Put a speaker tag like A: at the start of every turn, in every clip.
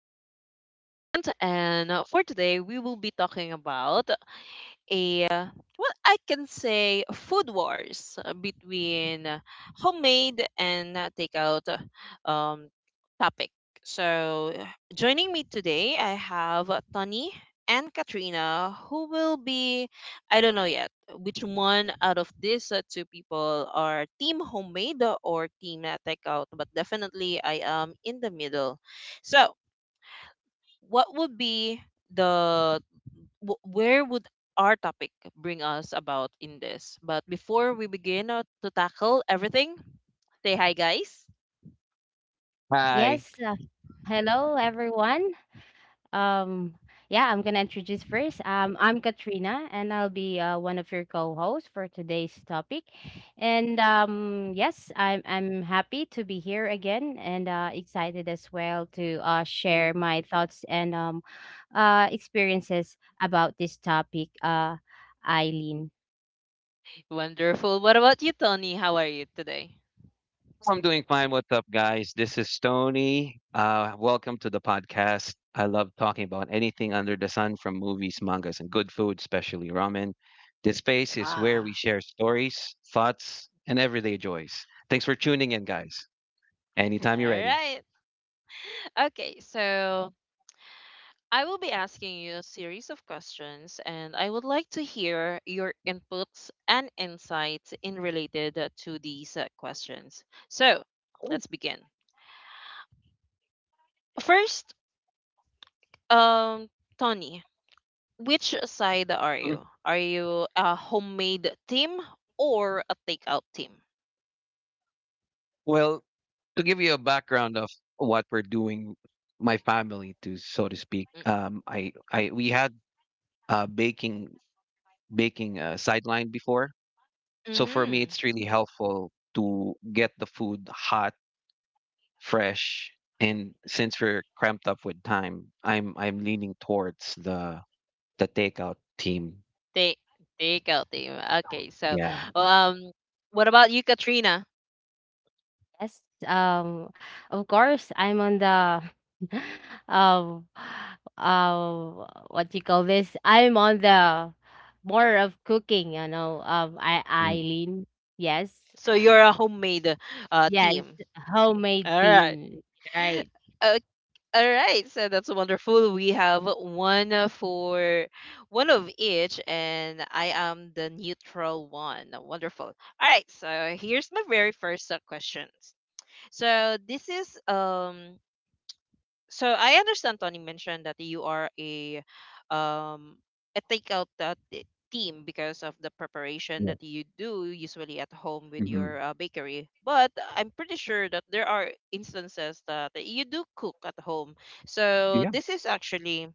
A: to our new segment. And for today, we will be talking about a, uh, well, I can say food wars between homemade and takeout um, topic. So, joining me today, I have Tony and Katrina, who will be, I don't know yet, which one out of these two people are team homemade or team takeout, but definitely I am in the middle. So, what would be the where would our topic bring us about in this? But before we begin to tackle everything, say hi, guys.
B: Hi.
C: Yes. Hello, everyone. Um, yeah, I'm gonna introduce first. I'm Katrina, and I'll be one of your co-hosts for today's topic. And yes, I'm happy to be here again, and excited as well to share my thoughts and experiences about this topic. Eileen.
A: Wonderful. What about you, Tony? How are you today?
B: I'm doing fine. What's up, guys? This is Tony. Welcome to the podcast. I love talking about anything under the sun from movies, mangas, and good food, especially ramen. This space is where we
A: Ah,
B: share stories, thoughts, and everyday joys. Thanks for tuning in, guys. Anytime you're
A: all
B: ready.
A: right. Okay, so I will be asking you a series of questions, and I would like to hear your inputs and insights in related to these questions. So let's begin. First, um, Tony, which side are
B: Mm,
A: you? Are you a homemade team or a takeout team?
B: Well, to give you a background of what we're doing, my family, to so to speak,
A: Mm.
B: I we had uh, baking baking sideline before. So for me,
A: Mm-hmm.
B: it's really helpful to get the food hot, fresh, and since we're cramped up with time, I'm leaning towards the takeout team.
A: Take takeout team. Okay, so
B: Yeah.
A: um, what about you, Katrina?
C: Yes, of course, I'm on the um, what you call this? I'm on the more of cooking,
B: And
C: Yes,
A: So you're a homemade
C: yes,
A: team.
C: homemade
A: All right.
C: team, right?
A: Uh, all right. So that's wonderful. We have one for one of each, and I am the neutral one. Wonderful. All right. So here's my very first questions. So this is so I understand Tony mentioned that you are um a takeout team because of the preparation
B: yeah.
A: that you do usually at home with
B: Hmm.
A: your bakery. But I'm pretty sure that there are instances that you do cook at home.
B: Yeah.
A: So this is actually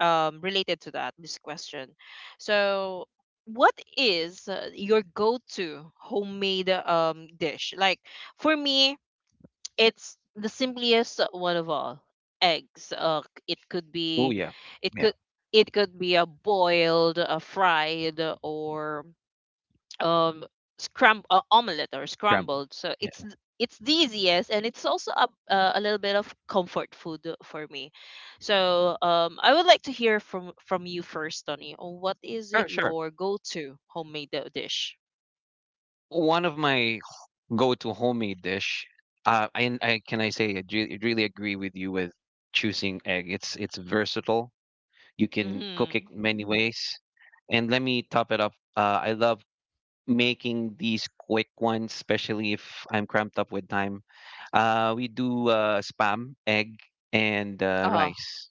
A: related to that this question. So what is your go-to homemade dish? Like for me, it's the simplest one of all, eggs. It could
B: Oh
A: be,
B: yeah.
A: it
B: Yeah.
A: could it could be a boiled, a fried, or um scram omelette, or
B: Scrambled.
A: scrambled. So
B: Yeah.
A: it's it's the easiest, and it's also a little bit of comfort food for me. So, I would like to hear from you first, Tony, on what is
B: Sure.
A: it
B: Sure.
A: your go-to homemade dish.
B: One of my go-to homemade dish. And I can I say I really agree with you with choosing egg. It's versatile. You can cook
A: Mm-hmm.
B: it many ways. And let me top it up. I love making these quick ones, especially if I'm cramped up with time. We do spam, egg, and
A: Ah.
B: rice.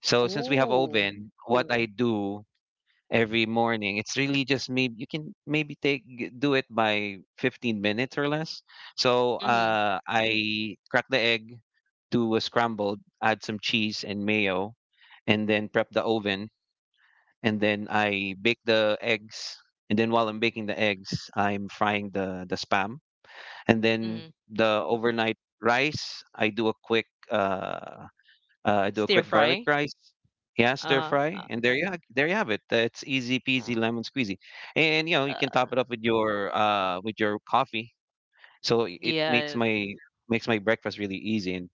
B: So since we have
A: Ooh.
B: oven, what I do every morning, it's really just maybe you can maybe do it by 15 minutes or less. So
A: Mm-hmm.
B: uh, I crack the egg, do a scrambled, add some cheese and mayo, and then prep the oven and then I bake the eggs. And then while I'm baking the eggs, I'm frying the spam. And then
A: Mm-hmm.
B: the overnight rice, I do a quick uh, I do a
A: Stir
B: quick garlic
A: fry.
B: rice. Yeah, stir
A: Uh-huh.
B: fry, and there you have it. It's easy peasy
A: Uh,
B: lemon squeezy, and you know you can
A: uh,
B: top it up with your coffee. So it makes
A: yes.
B: my breakfast really easy, and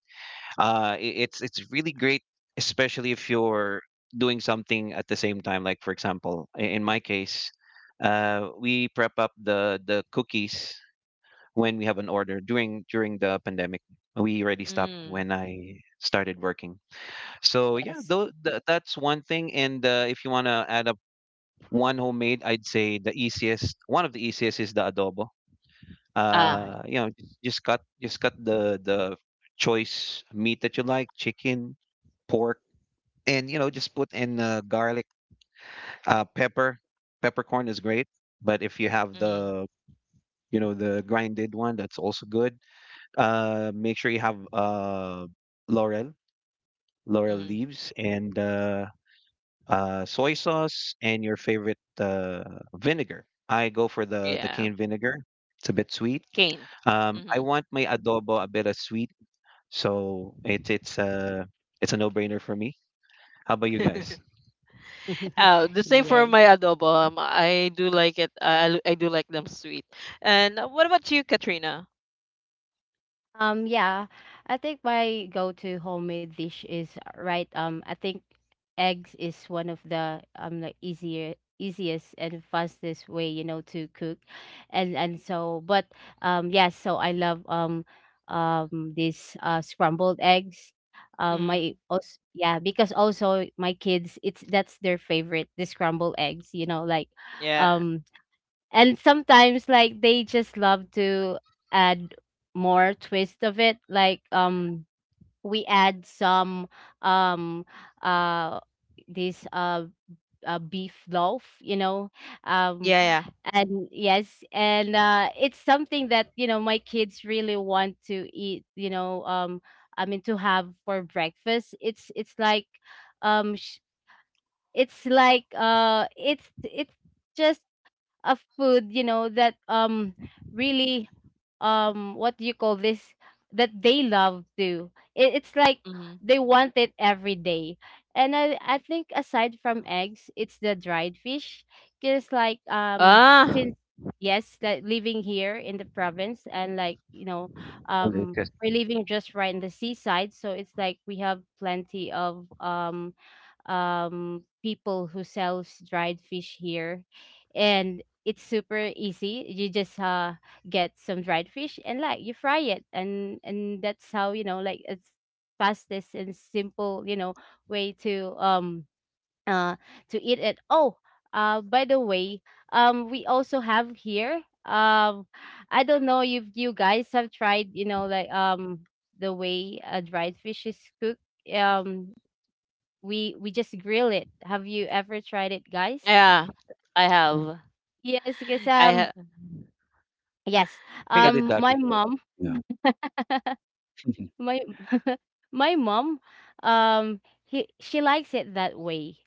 B: it's really great especially if you're doing something at the same time, like for example, in my case we prep up the cookies when we have an order. During the pandemic we already stopped
A: Mm.
B: when I started working. So yeah,
C: Yes,
B: though that's one thing, and if you want to add up one homemade, I'd say the easiest, one of the easiest is the adobo.
A: Ah.
B: You know, just cut the choice meat that you like, chicken, pork, and you know, just put in garlic, pepper. Peppercorn is great, but if you have
A: Mm.
B: the you know the grinded one, that's also good. Make sure you have laurel, laurel
A: Mm.
B: leaves, and soy sauce, and your favorite vinegar. I go for the
A: Yeah.
B: canned vinegar. It's a bit sweet.
A: Cane.
B: I
A: Mm-hmm.
B: want my adobo a bit of sweet, so it's a no-brainer for me. How about you guys?
A: The same for
C: yes.
A: my adobo. I do like it. I do like them sweet. And what about you, Katrina?
C: Yeah, I think my go-to homemade dish is I think eggs is one of the easier easiest and fastest way to cook, and so but yes, so I love these scrambled eggs.
A: Mm.
C: Yeah, because also my kids, it's that's their favorite, the scrambled eggs.
A: Yeah.
C: Um and sometimes like they just love to add more twist of it like we add some um uh this beef loaf, um
A: Yeah.
C: and yes, and it's something that my kids really want to eat, I mean to have for breakfast. It's like sh- it's like it's just of food, that really what do you call this that they love it's like
A: Yeah. Mm.
C: they want it every day. And I think aside from eggs, it's the dried fish, because like
A: Ah.
C: since yes like living here in the province. And
B: Okay.
C: we're living just right in the seaside, so it's like we have plenty of people who sells dried fish here. And it's super easy. You just get some dried fish and like you fry it, and that's how like it's fastest and simple, way uh to eat it. Oh, by the way, we also have here I don't know if you guys have tried, the way a dried fish is cooked. um we just grill it. Have you ever tried it, guys?
A: Yeah. I have.
C: Yes, because
A: I have.
C: yes.
B: Think I
A: Got.
B: did
C: Um
B: that
C: my
B: before.
C: mom,
B: Yeah.
C: my my mom, he she likes it that way.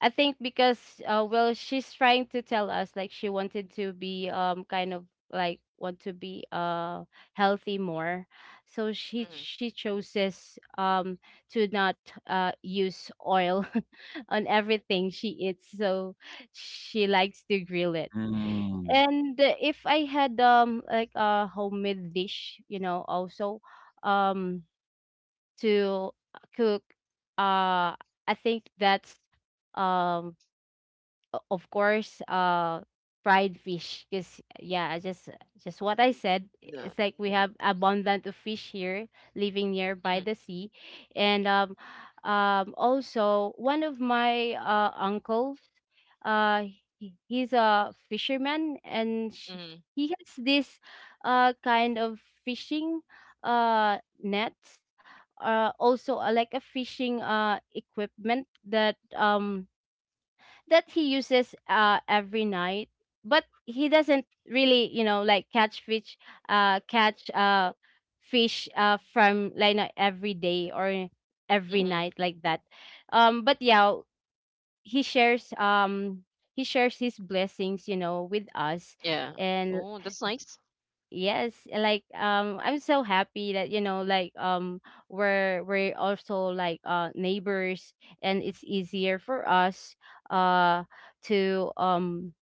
C: I think because well, she's trying to tell us like she wanted to be kind of like want to be healthy more. So
A: Mm.
C: she chooses to not use oil on everything she eats. So she likes to grill it.
B: Mm.
C: And if I had like a homemade dish, also um to cook uh I think that's um of course fried fish, because yeah, just what I said,
A: Yeah.
C: it's like we have abundant of fish here, living nearby
A: Mm,
C: the sea. And also one of my uncles, uh he's a fisherman, and
A: mm,
C: he has this kind of fishing nets, also like a fishing equipment that that he uses every night. But he doesn't really, catch fish, catch fish from, like, not every day or every
A: mm,
C: night like that. But yeah, he shares, he shares his blessings, with us.
A: yeah.
C: And
A: Oh, that's nice.
C: yes, I'm so happy that, we're also like neighbors, and it's easier for us uh to um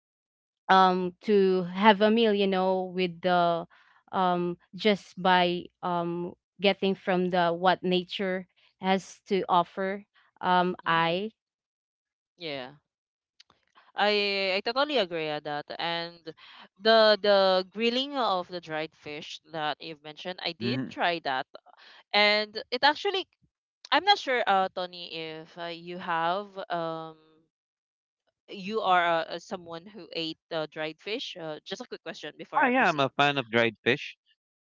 C: to have a meal, with the just by getting from the what nature has to offer.
A: Mm-hmm.
C: I
A: Yeah. I totally agree at that. And the grilling of the dried fish that you've mentioned, I
B: Mm.
A: did
B: Mm.
A: try that. And it actually I'm not sure Tony if you have you are someone who ate dried fish. Just a quick question before
B: Ah,
A: I
B: yeah, I'm
A: proceed.
B: a fan of dried fish.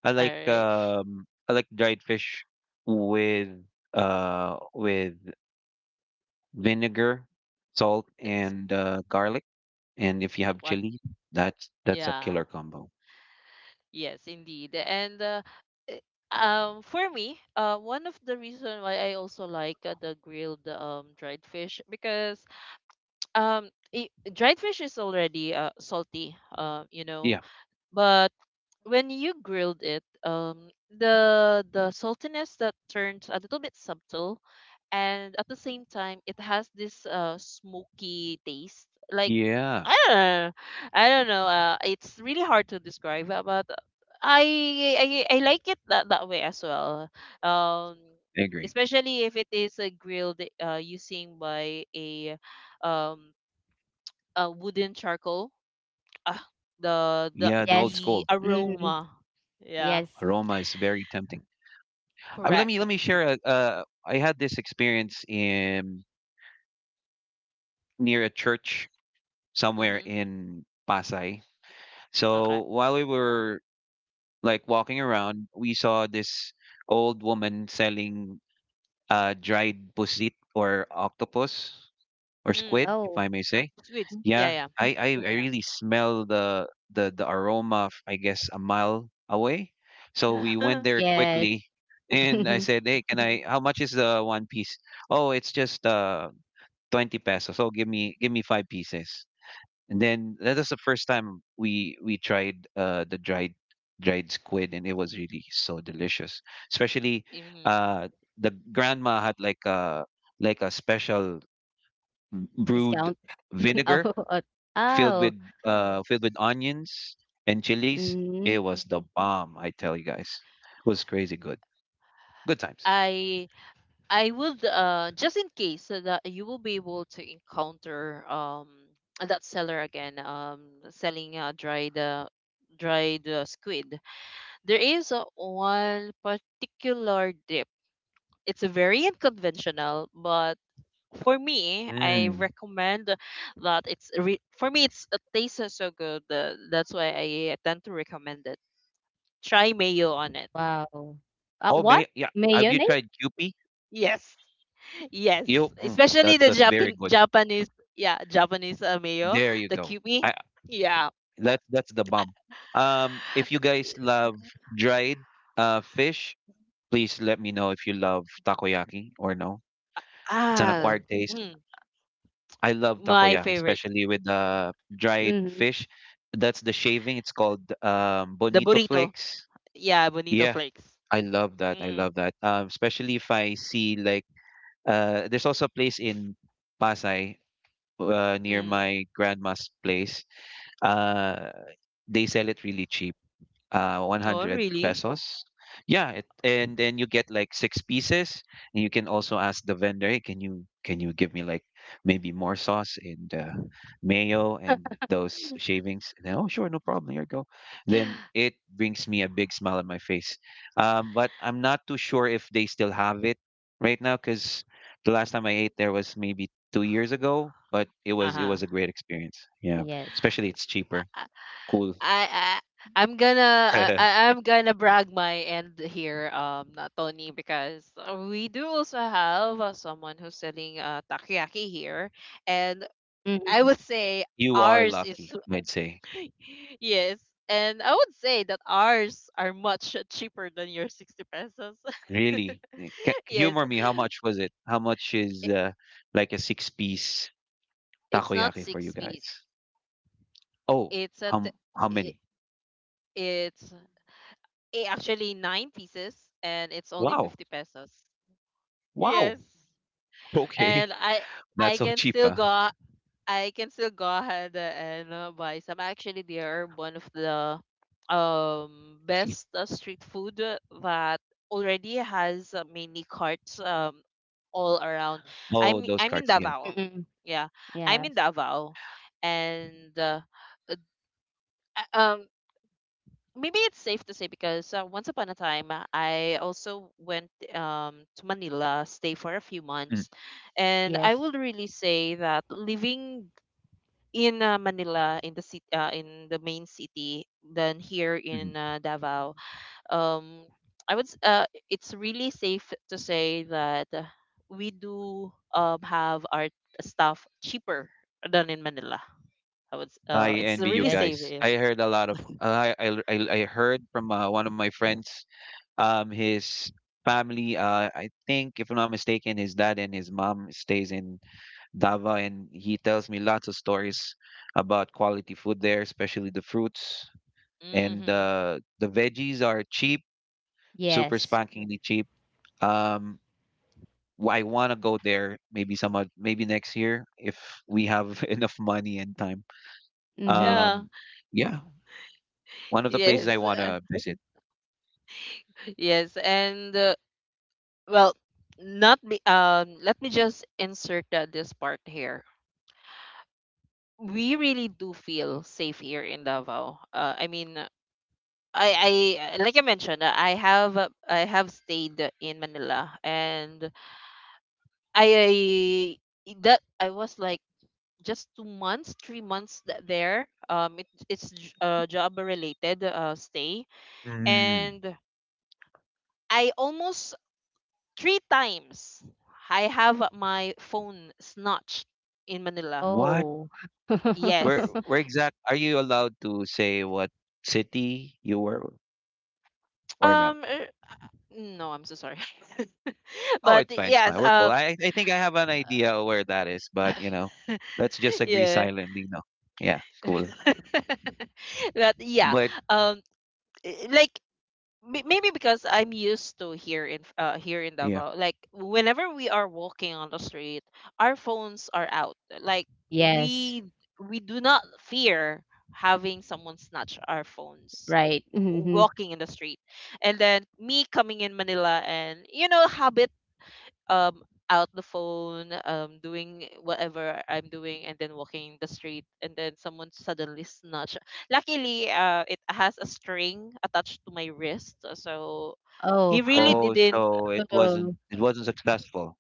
B: I
A: All
B: like
A: right.
B: dried fish with with vinegar, salt,
A: That's
B: and garlic. And if you have
A: one.
B: chili, that's a
A: Yeah.
B: killer combo.
A: Yes, indeed. And eh, for me, one of the reason why I also like the grilled dried fish because um dried fish is already salty,
B: Yeah.
A: but when you grilled it, the saltiness that turns a little bit subtle, and at the same time it has this smoky taste. Like
B: Yeah,
A: i don't know I don't know. It's really hard to describe, but I like it that way as well, um
B: I agree.
A: especially if it is grilled using by a um wooden charcoal. Ah, the the
B: Yeah, the
C: yes,
B: old
A: the
B: school
C: mm,
A: aroma. Yeah,
C: yes,
B: aroma is very tempting. I mean, let me
A: correct.
B: let me share I had this experience in near a church somewhere
A: Mhm.
B: in Pasay.
A: Okay.
B: So while we were like walking around, we saw this old woman selling dried pusit, or octopus, or squid,
A: Mm.
B: if
C: oh
B: I may say.
A: Sweets.
B: Yeah,
A: Yeah,
B: I yeah, really smell the aroma, I guess a mile away. So we went
A: yeah.
B: there
C: yes,
B: quickly, and I said, "Hey, can I? How much is the one piece? Oh, it's just 20 pesos. Oh, give me five pieces." And then that was the first time we tried the dried squid, and it was really so delicious. Especially,
A: Mhm.
B: uh the grandma had like a special brewed
C: discount, oh,
B: vinegar
C: oh,
B: filled
A: Mm.
C: oh.
B: with filled with onions and chilies. It
C: Mhm.
B: was the bomb, I tell you guys. It was crazy good. Good times.
A: I I would, just in case so that you will be able to encounter that seller again, selling dried squid. There is one particular dip. It's very unconventional, but for me, I
B: Mm.
A: recommend that it's re- for me it's, it tastes so so good. That's why I tend to recommend it. Try mayo on it.
C: Wow.
B: Oh,
C: What?
B: may yeah. Have you
C: Mayonnaise?
B: tried Kewpie?
A: Yes, yes, especially
B: That's
A: the
B: that's very
A: Japan
B: good.
A: Japanese yeah Japanese mayo,
B: There you
A: the
B: go.
A: QP. Yeah,
B: That's the bomb. If you guys love dried fish, please let me know if you love takoyaki or no. It's an
A: ah,
B: acquired taste.
A: mm,
B: I love
A: my
B: takoyaki,
A: favorite,
B: especially with the dried
C: Mhm.
B: fish. That's the shaving. It's called
A: the
B: bonito
A: burrito.
B: flakes.
A: Yeah, bonito
B: Yeah,
A: flakes.
B: I love that. I
A: Mm,
B: love that. Especially if I see like, there's also a place in Pasay near
A: mm.
B: my grandma's place. Uh, they sell it really cheap.
A: Oh,
B: 100
A: really?
B: pesos. Yeah, and then you get like six pieces, and you can also ask the vendor, "Hey, can you give me like maybe more sauce and mayo and those shavings?" And then, oh sure, no problem. Here you go. Then it brings me a big smile on my face. But I'm not too sure if they still have it right now because the last time I ate there was maybe 2 years ago, but it
A: Uh
B: was it
A: huh.
B: was a great experience. Yeah,
C: Yes.
B: especially it's cheaper. Cool.
A: I, I I'm gonna I, I- I'm gonna brag my end here, Tony, because we do also have someone who's selling takoyaki here, and I
C: Mhm,
A: would say
B: You are
A: ours is,
B: lucky, I'd say.
A: yes, and I would say that ours are much cheaper than your 60 pesos.
B: Really.
A: Yes,
B: Humor me, how much was it? How much is
A: it,
B: like a six-piece
A: it's not
B: takoyaki for you
A: six piece.
B: guys? Oh,
A: It's a t-
B: how
A: it,
B: many?
A: it's eh, actually nine pieces, and it's only
B: Wow.
A: 50 pesos.
B: Wow.
A: Yes.
B: Okay.
A: And I
B: That's
A: I
B: so
A: can
B: cheap,
A: still
B: huh?
A: go, ahead and buy some. Actually, they are one of the best street food, that already has many carts all around.
B: Oh,
A: I'm
B: those
A: I'm in
B: cards, yeah.
A: Davao.
C: mm.
A: Yeah. I'm in
C: Yes.
A: Davao, and uh, um maybe it's safe to say because once upon a time, I also went, to Manila, stay for a few
B: Mm.
A: months, and I
C: Yes.
A: would really say that living in Manila, in the city, in the main city, than here
B: Mhm.
A: in Davao, um, I would. It's really safe to say that we do have our stuff cheaper than in Manila. I would. s- Uh,
B: I
A: it's
B: envy you
A: really
C: Yes.
A: safe.
B: guys.
A: Eh.
B: I heard a lot of I heard from one of my friends, his family, I think, if I'm not mistaken, his dad and his mom stays in Davao, and he tells me lots of stories about quality food there, especially the fruits, and
A: Mm-hmm.
B: the veggies are cheap, super
C: Yes.
B: spankingly cheap. Um, I want to go there maybe maybe next year if we have enough money and time.
C: Mhm.
A: Yeah.
B: Um, yeah, one of the places I
A: Yes.
B: want to visit.
A: Yes. And well, not be. Let me just insert this part here. We really do feel safe here in Davao. I mean, I like I mentioned, I have, stayed in Manila, and I, I that I was like just 2 months, 3 months there. Job related stay,
B: Mm,
A: and I almost three times I have my phone snatched in Manila.
B: what?
C: Oh.
B: Where?
A: Yes.
B: Where exact? Are you allowed to say what city you were or no?
A: Um. er, No, I'm so sorry.
B: Oh,
A: But
B: it's fine. It's
A: yes.
B: my work call. I think I have an idea where that is, but let's just agree
A: Yeah.
B: silently. No, yeah, cool.
A: But yeah,
B: But
A: um like, maybe because I'm used to here in, here in
B: yeah.
A: Davao, like whenever we are walking on the street, our phones are out, like
C: Yes.
A: we we do not fear having someone snatch our phones
C: Right. Mhm.
A: walking in the street. And then me coming in Manila, and habit, um out the phone, doing whatever I'm doing, and then walking the street, and then someone suddenly snatch. Luckily, it has a string attached to my wrist, so he
C: Oh.
A: really
B: Oh,
A: didn't.
B: so it wasn't
C: Oh,
B: it wasn't successful.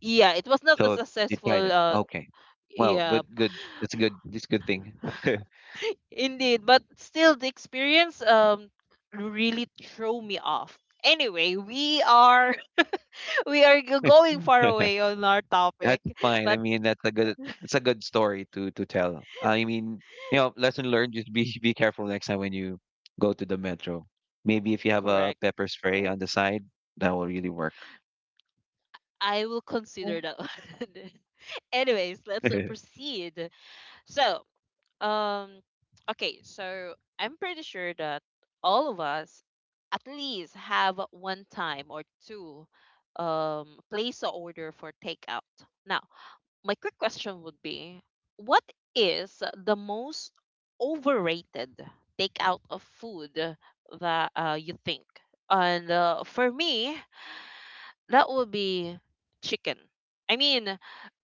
A: Yeah, it was not a
B: So you tried
A: successful
B: it. Okay. Well,
A: yeah,
B: good, good. That's a good. That's a good thing.
A: indeed, but still the experience, really threw me off. Anyway, we are going far away on our topic,
B: That's fine. I
A: but
B: mean, that's a good. It's a good story to tell. I mean, lesson learned. Just be careful next time when you go to the metro. Maybe if you have a
A: correct.
B: pepper spray on the side, that will really work.
A: I will consider that one. Anyways, let's proceed. So, um, okay, so I'm pretty sure that all of us at least have one time or two place a order for takeout. Now, my quick question would be, what is the most overrated takeout of food that you think? And for me, that will be chicken. I mean,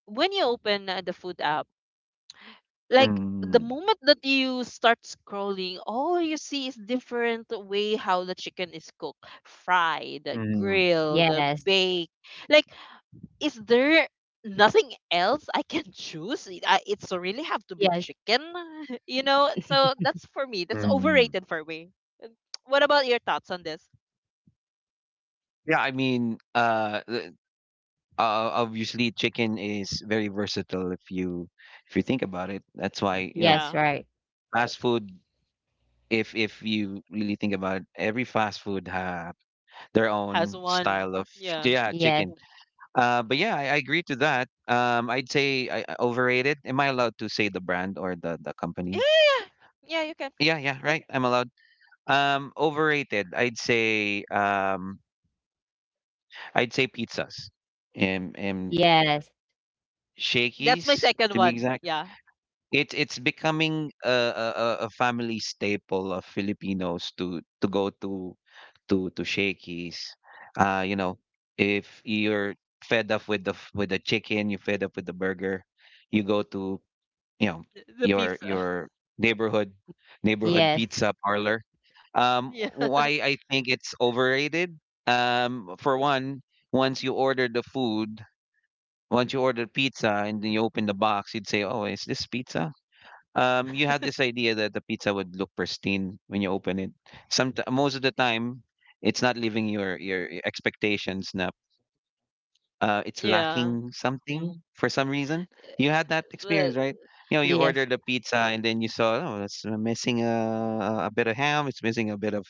A: when you open the food app, like the
B: Mm.
A: moment that you start scrolling, all you see is different way how the chicken is cooked, fried,
B: Mm.
A: grilled,
C: yes,
A: baked. Like, is there nothing else I can choose? It's really have to be
C: yes,
A: chicken, you know. So that's for me. That's
B: Mm.
A: overrated for me. And what about your thoughts on this?
B: Yeah, I mean, obviously chicken is very versatile if you think about it. That's why, you know,
A: Yeah,
C: yes, right.
B: fast food, if you really think about it, every fast food have their
A: has
B: own
A: one.
B: style of,
A: Yeah.
B: yeah, chicken.
C: Yes,
B: But yeah, I agree to that. I'd say I overrated. Am I allowed to say the brand or the
A: Yeah,
B: company?
A: yeah, yeah. Yeah, you can.
B: Yeah, yeah, right. I'm allowed. Overrated. I'd say pizzas and
C: yes,
A: That's my
B: shakies
A: second
B: to be
A: one.
B: exact.
A: Yeah,
B: It's becoming a family staple of Filipinos to go to Shakey's. You know, if you're fed up with the chicken, you're fed up with the burger, you go to, you know
A: the
B: your
A: pizza.
B: your neighborhood neighborhood
C: yes,
B: pizza parlor. Um,
A: Yeah,
B: why I think it's overrated. For one, once you order the food, once you order pizza and then you open the box, you'd say, "Oh, is this pizza?" You had this idea that the pizza would look pristine when you open it. Some most of the time, it's not living your expectations. Na, it's
A: yeah.
B: lacking something for some reason. You had that
A: Well,
B: experience, right? You know, you
C: yes,
B: ordered the pizza and then you saw, oh, it's missing a bit of ham. It's missing a bit of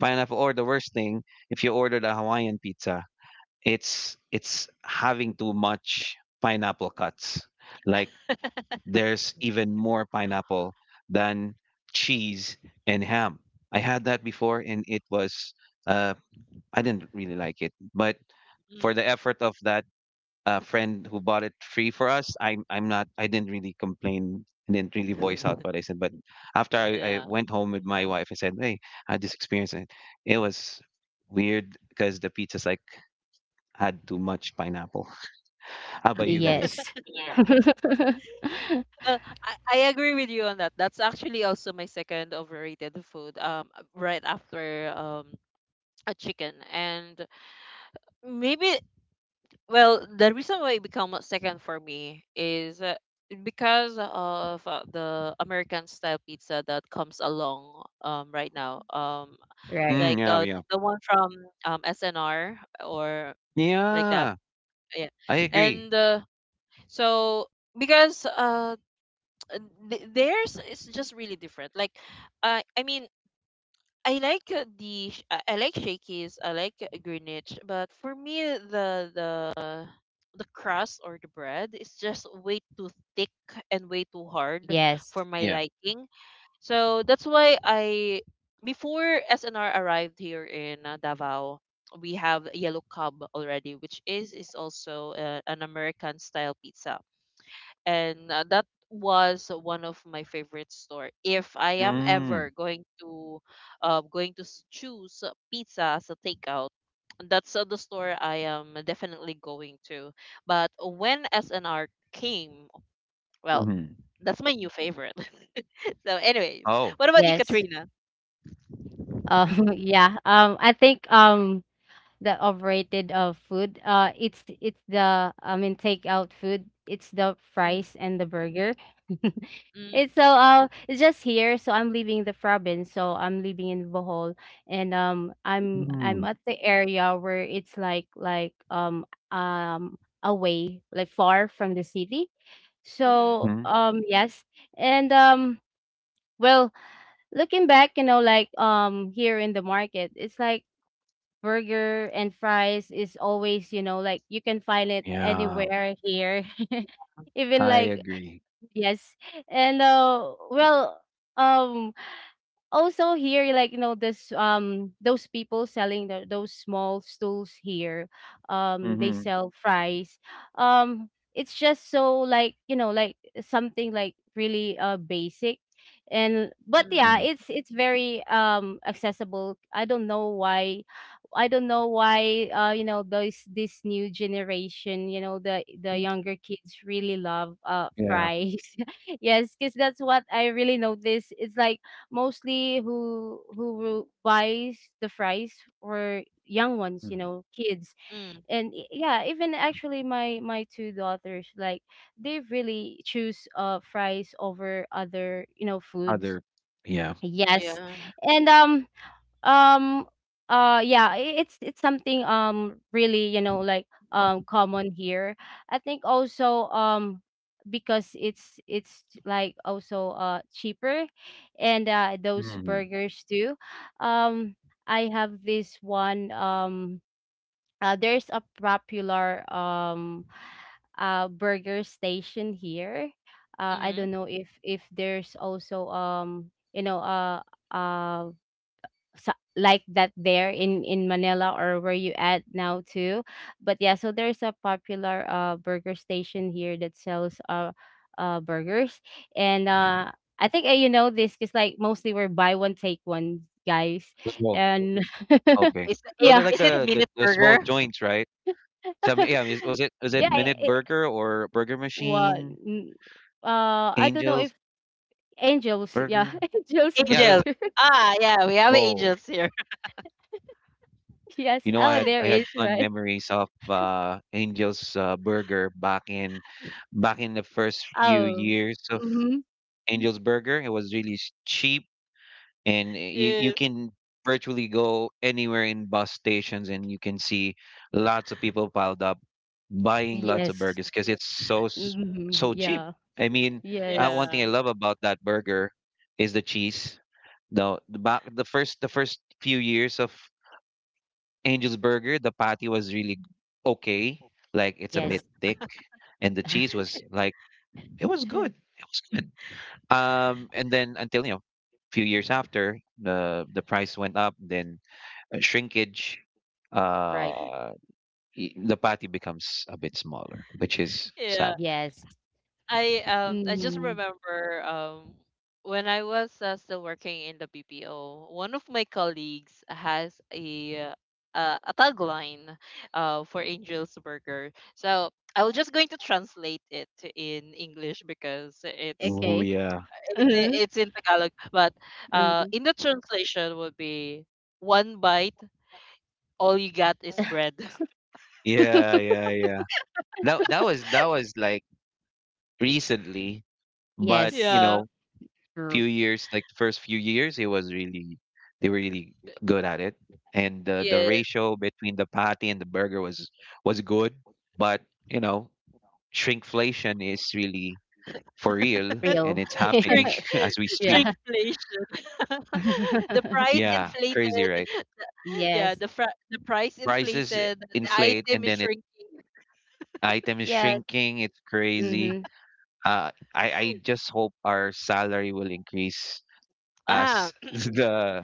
B: pineapple. Or the worst thing, if you ordered a Hawaiian pizza, it's having too much pineapple cuts. Like, there's even more pineapple than cheese and ham. I had that before and it was uh I didn't really like it, but for
A: mm.
B: the effort of that friend who bought it free for us, I didn't really complain and didn't really voice out what I said. But after I
A: Yeah.
B: went home with my wife, I said, "Hey, I had this experience and it was weird because the pizza's like had too much pineapple." How about you guys?
C: yes.
B: Yeah.
A: Well, I agree with you on that. That's actually also my second overrated food. Right after a chicken, and maybe well the reason why it become a second for me is, because of the American style pizza that comes along right now,
C: Right.
B: Mm,
A: like
B: yeah, yeah.
A: the one from SNR or like that.
B: Yeah,
A: Yeah.
B: I agree.
A: And so because theirs is just really different. Like I mean, I like I like Shakey's, I like Greenwich, but for me the crust or the bread is just way too thick and way too hard
C: Yes,
A: for my
B: Yeah.
A: liking. So that's why I, before SNR arrived here in Davao, we have Yellow Cub already, which is also an American style pizza, and that was one of my favorite store. If I am
B: Mm,
A: ever going to, choose pizza as a takeout. That's the store I am definitely going to. But when SNR came, well,
B: hmm
A: that's my new favorite. So, anyways,
B: Oh.
A: what about you,
C: yes.
A: Katrina?
C: Yeah. I think the overrated of food. It's the, I mean, takeout food. It's the
A: Mm,
C: fries and the burger.
A: mm,
C: It's so it's just here. So I'm leaving the province. So I'm living in Bohol, and I'm
B: Mm,
C: at the area where it's um away, like far from the city.
A: mm,
C: So
B: hmm
C: yes, and well, looking back, here in the market, it's like burger and fries is always, you can find it
B: Yeah,
C: anywhere here. Even
B: I
C: like
B: agree.
C: yes. And well, um also here, this those people selling those small stools here, they
B: Mm-hmm.
C: sell fries. um it's just so, something like really basic. And But
A: mm,
C: yeah,
B: Mm.
C: it's very accessible. I don't know why. I don't know why, you know those this new generation, the younger kids really love
B: Yeah.
C: fries. Yes, because that's what I really noticed. It's like mostly who buys the fries were young ones,
B: Mhm.
C: kids.
A: mm,
C: And yeah, even actually my two daughters like they really choose fries over other, foods.
B: Other. Yeah.
C: Yes.
A: yeah.
C: And um yeah, it's something really, common here. I think also because it's, also cheaper. And those
B: Mm-hmm.
C: burgers too, um I have this one, there's a popular burger station here. I
A: Mm.
C: don't know if there's also, uh so, like that, there in Manila or where you at now too. But yeah, so there's a popular burger station here that sells burgers. And I think, this, because like mostly we're buy one take one, guys,
B: Well,
C: and
B: okay.
A: Is, is
B: Those are
C: yeah,
B: like
A: is it
B: the, the
A: minute
B: the small
A: burger?
B: joints, right? Some yeah. Was it
C: yeah,
B: Minute Burger or Burger
C: what
B: Machine?
C: n- I don't know if
B: Angel's
C: Angels, yeah,
B: Burger?
C: Angels
B: Yeah, that's.
A: Angels.
C: burger,
A: Ah, yeah, we have
B: Oh,
A: angels here.
C: yes,
B: I
C: oh
B: had
C: there
B: I
C: is,
B: had fun
C: right,
B: memories of Angel's Burger back in back in the first few
C: oh,
B: years of
C: mm-hmm,
B: Angel's Burger. It was really cheap, and you
A: Yes.
B: can virtually go anywhere in bus stations, and you can see lots of people piled up buying lots of
C: yes,
B: burgers because it's
C: mm-hmm,
B: so cheap.
C: yeah.
B: I mean, one
C: Yes.
B: thing
A: Yeah.
B: I love about that burger is the cheese. The first few years of Angel's Burger, the patty was really okay. Like it's a
C: Yes.
B: bit thick, and the cheese was like it was good. It was good. And then until you know, few years after, the price went up. Then shrinkage,
C: Right.
B: uh, the patty becomes a bit smaller, which is
A: Yeah.
B: sad.
C: Yes.
A: I just
C: Mm.
A: remember, when I was still working in the BPO, one of my colleagues has a tagline for Angel's Burger. So I was just going to translate it in English because it's
B: Oh
C: Okay.
A: it's
C: Mhm.
A: it's in Tagalog, but
C: Mhm.
A: in the translation would be one bite, all you got is bread.
B: yeah. That was that was like recently, but you
C: Yes.
A: Yeah.
B: know,
C: True.
B: few years, like the first few years, it was really they were really good at it, and the
A: Yes.
B: ratio between the patty and the burger was good, but you know, shrinkflation is really for real,
C: Real.
B: and it's happening
A: Shrink
B: as we speak.
C: Yeah.
A: Shrinkflation. The price
B: Yeah, crazy,
A: inflated.
B: right?
A: Yeah,
C: Yes.
A: the price
B: Prices
A: inflated. The
B: inflate,
A: item
B: and
A: is
B: then it
A: shrinking.
B: item is
C: Yes.
B: shrinking. It's crazy.
C: Mm-hmm.
B: I just hope our salary will increase
A: Ah,
B: as the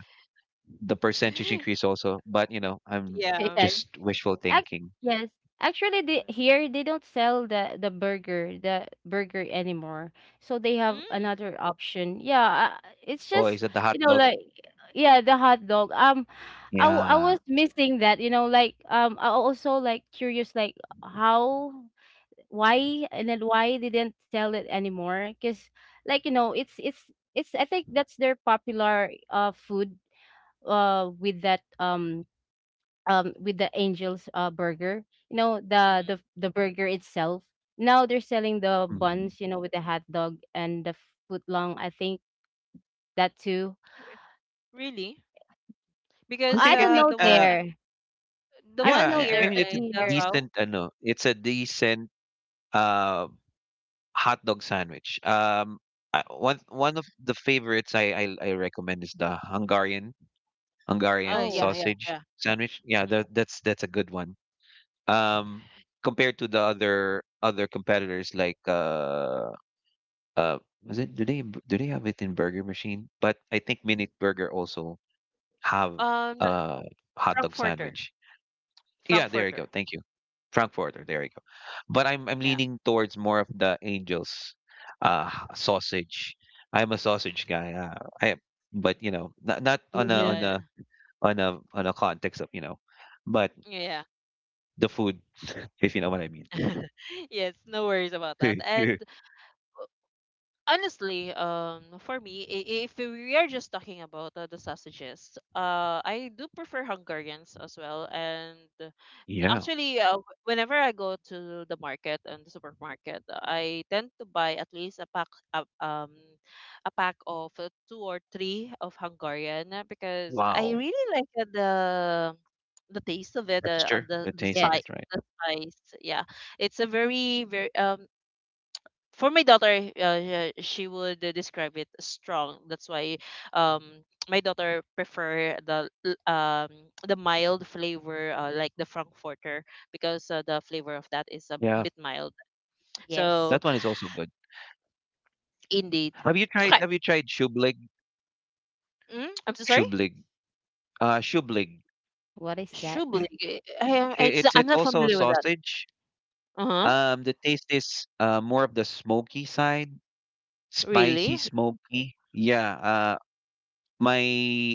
B: the percentage increase also. But you know, I'm
A: yeah.
C: Yeah.
B: just wishful
C: Act
B: thinking.
C: Yes. Actually, they, here they don't sell the burger anymore. So they have
A: Mm,
C: another option. Yeah, it's
B: Oh,
C: just
B: is it the hot
C: you know
B: dog?
C: like yeah, the hot dog. I I
B: Yeah.
C: was missing that. I also like curious like how, why, and then why they didn't sell it anymore? Because, it's, I think that's their popular food with that with the Angel's burger. The
A: mm.
C: burger itself. Now they're selling the
B: Mm.
C: buns, with the hot dog and the footlong. I think that too.
A: Really?
B: I
A: Because
C: I
B: think I
C: don't
B: think
C: know
A: the one
B: uh
C: there.
A: the
C: I
A: one
C: don't
B: yeah,
C: know
B: I
C: there,
A: here
B: I mean
C: but
B: it's
A: in
B: a
C: here.
A: Davao.
B: decent no, it's a decent uh hot dog sandwich. One of the favorites I recommend is the Hungarian Hungarian
A: Yeah,
C: Oh,
A: yeah,
B: sausage
A: yeah.
C: yeah.
B: sandwich. Yeah,
A: Mhm.
B: that's a good one. Um Compared to the other competitors like uh was it do they have it in burger machine? But I think Minute Burger also have
A: Um,
B: a hot dog
A: Frankfurter.
B: sandwich. Yeah, there you go.
A: Frankfurter.
B: Thank you. Frankfurter, there you go. But I'm
A: Yeah.
B: leaning towards more of the Angels sausage. I'm a sausage guy. I but you know, not on a on
A: Yeah,
C: Mm-hmm.
B: a
A: yeah.
B: on a on a context of, you know, but
A: Yeah.
B: the food, if you know what I mean.
A: Yes, no worries about that. And honestly, for me, if we are just talking about the sausages, I do prefer Hungarians as well. And
B: Yeah.
A: actually, whenever I go to the market and the supermarket, I tend to buy at least a pack, a, um, a pack of two or three of Hungarian because I
B: Wow.
A: really like the taste of it,
B: Texture,
A: the
B: the
A: the
B: taste of
C: Yes.
A: spice,
B: it, right?
A: the spice. Yeah, it's a very very for my daughter, yeah, she would describe it as strong. That's why um my daughter prefer the mild flavor like the frankfurter because the flavor of that is a
B: Yeah.
A: bit mild.
C: Yes.
B: That
A: So
B: one is also good.
A: indeed,
B: Have you tried
A: okay.
B: have you tried shublig?
A: Mm, I'm so sorry.
B: Shublig. Shublig.
C: What is that?
A: Shublig. I, am-
B: I-
A: it's
B: It's
A: I'm
B: it's
A: not
B: also a
A: familiar with that.
B: sausage.
A: Uh huh.
B: The taste is more of the smoky side, spicy
A: Really?
B: smoky. Yeah, my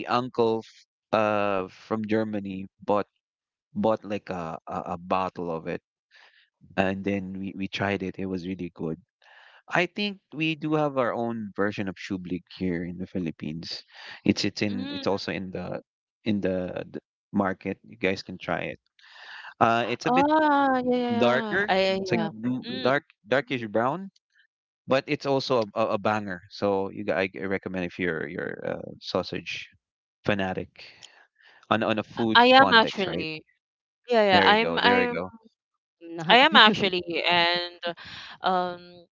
B: uncle from Germany bought like a bottle of it, and then we tried it. It was really good. I think we do have our own version of shublig here in the Philippines. It's in it's
A: Mm.
B: also in the market. You guys can try it. It's a bit
A: Ah, yeah, yeah, yeah.
B: darker.
A: I
B: It's like
A: Yeah.
B: blue, Mm.
A: Mm.
B: dark, darkish brown, but it's also a banger. So you, recommend if you're you're sausage fanatic on a food
A: I am
B: context, right?
A: actually. Yeah, yeah.
B: There you go. There you go.
C: I'm
A: I
C: not.
A: am actually, and um,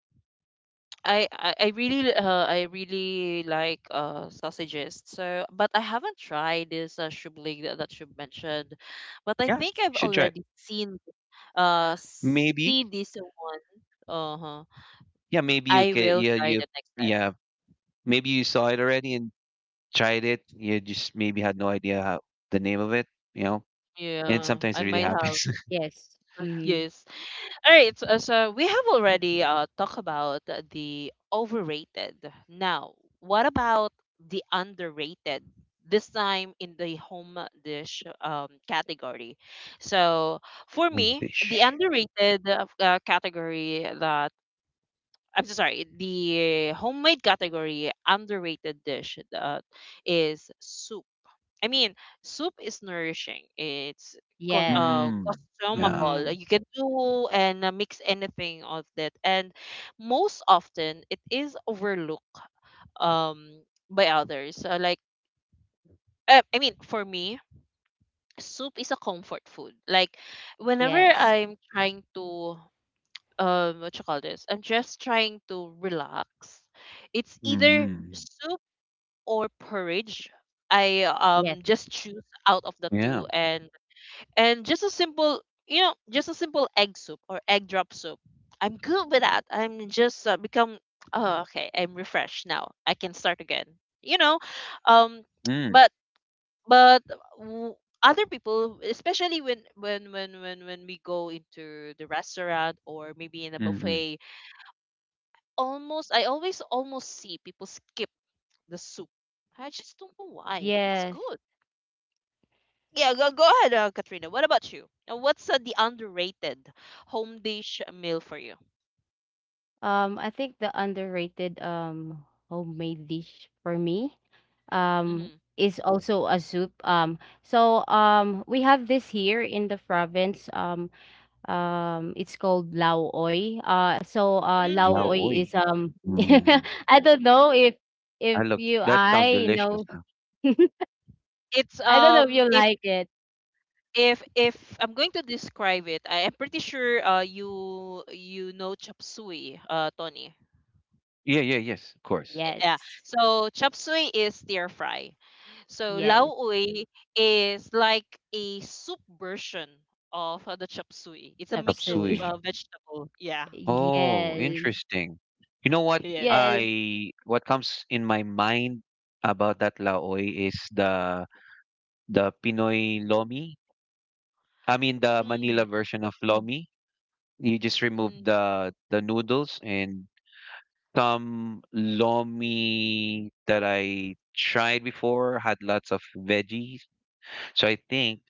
A: I really like sausages. So, but I haven't tried this shubling that you mentioned, but I
B: Yeah, you
A: think I've
B: should try it.
A: already
B: Maybe.
A: see this one. Uh huh.
B: Yeah, maybe you
A: I
B: can.
A: will
B: Yeah,
A: try
B: you.
A: that next time.
B: Yeah, maybe you saw it already and tried it. You just maybe had no idea how, the name of it. You know, and
A: Yeah,
B: sometimes
A: I
B: it really
A: might have.
B: happens.
C: Yes. Mm-hmm.
A: Yes. All right, so we have already talked about the overrated. Now, what about the underrated? This time in the home dish category. So for
B: Oh,
A: me, the
B: fish.
A: underrated category that I'm so sorry, the homemade category underrated dish that is soup. I mean, soup is nourishing. It's con
C: Yes.
A: uh,
B: Mm. Yeah.
A: consumable.
C: Mm-hmm.
A: You can do and mix anything of that. And most often, it is overlooked um by others. Like, I mean, for me, soup is a comfort food. Like, whenever
C: Yes.
A: I'm trying to what you call this? I'm just trying to relax. It's either
B: Mm-hmm.
A: soup or porridge. I
C: Yes.
A: just choose out of the
B: Yeah.
A: two, and just a simple, you know, just a simple egg soup or egg drop soup. I'm good with that. I'm just become, oh okay, I'm refreshed now, I can start again, you know. um
B: Mm.
A: but but w- other people, especially when we go into the restaurant or maybe in a
B: Mm-hmm.
A: buffet, almost I always almost see people skip the soup. I just don't know why. It's
C: Yes.
A: good. Yeah, go ahead, Katrina. What about you? What's the underrated home dish meal for you?
C: I think the underrated homemade dish for me
A: Hmm.
C: is also a soup. We have this here in the province. It's called lao oy. Lao
A: Mm.
C: oy
B: Yaoi.
C: is
B: Mm.
C: I don't know
B: I
C: if
B: look,
C: you
B: that sounds
C: I
B: delicious.
C: know,
B: Huh?
A: It's
C: I don't know if you
A: if
C: like it.
A: if if I'm going to describe it, I am pretty sure you know chop suey, Tony.
B: Yeah, yeah, yes, of course.
A: Yeah.
C: Yes,
A: So chop suey is stir fry. So
C: yes,
A: lao oi is like a soup version of the chop suey. It's a
C: chop
B: Chop
A: mix of
C: suey.
B: suey.
A: vegetable. Yeah.
B: Oh,
C: Yes,
B: interesting. You know what
A: Yes.
C: yes,
B: I what comes in my mind about that laoy is the Pinoy lomi. I mean the Manila
A: Mm.
B: version of lomi. You just remove
A: Mm.
B: the noodles, and some lomi that I tried before had lots of veggies. So I think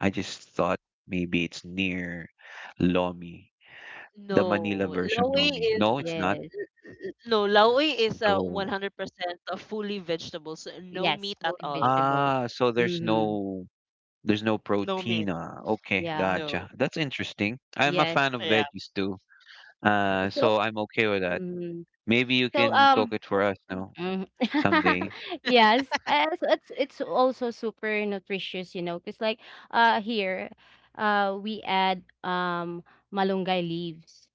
B: I just thought maybe it's near lomi, the Manila
A: No,
B: version
A: Laoi
B: lomi.
A: is
B: No, it's not.
C: yes,
A: no, Laoi is a
B: So
A: 100% of fully vegetables, no
C: yes,
A: meat at
C: fully
A: all.
C: vegetables.
B: ah, so
C: Mm-hmm.
B: there's no
A: No
B: protein.
A: meat.
B: Okay,
C: Yeah.
B: gotcha.
A: No.
B: That's interesting. I'm a
C: Yes.
B: fan of
A: Yeah.
B: veggies too.
C: So,
B: So I'm okay with that.
C: mm,
B: Maybe you
C: so,
B: can cook it for us now
C: mm.
B: someday.
C: Yes. So it's also super nutritious, Cause like, here, we add, malunggay leaves.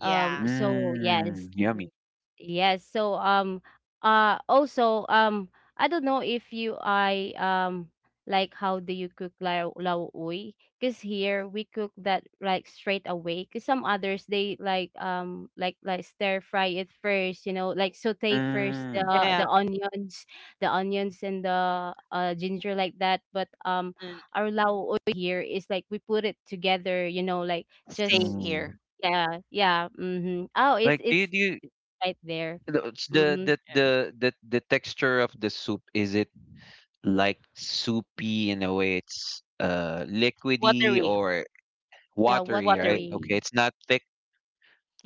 C: Yes.
B: Mmm, yummy.
C: Yes. So also I don't know if you I like how do you cook lao uy? Because here we cook that like straight away. Because some others they like like stir fry it first, like saute first
B: Mmm,
A: Yeah.
C: the onions and the ginger like that. But
A: And
C: our lao uy here is like we put it together,
A: same
C: just
B: mmm.
A: here.
C: yeah, yeah. Mm-hmm. Oh,
B: Like,
C: it's right there.
B: the, it's
C: Mhm.
A: Yeah.
B: the texture of the soup, is it like soupy in a way? It's liquidy
A: Watery.
B: or
C: Yeah,
B: watery, right?
A: Watery.
B: Okay,
C: watery.
B: it's not thick.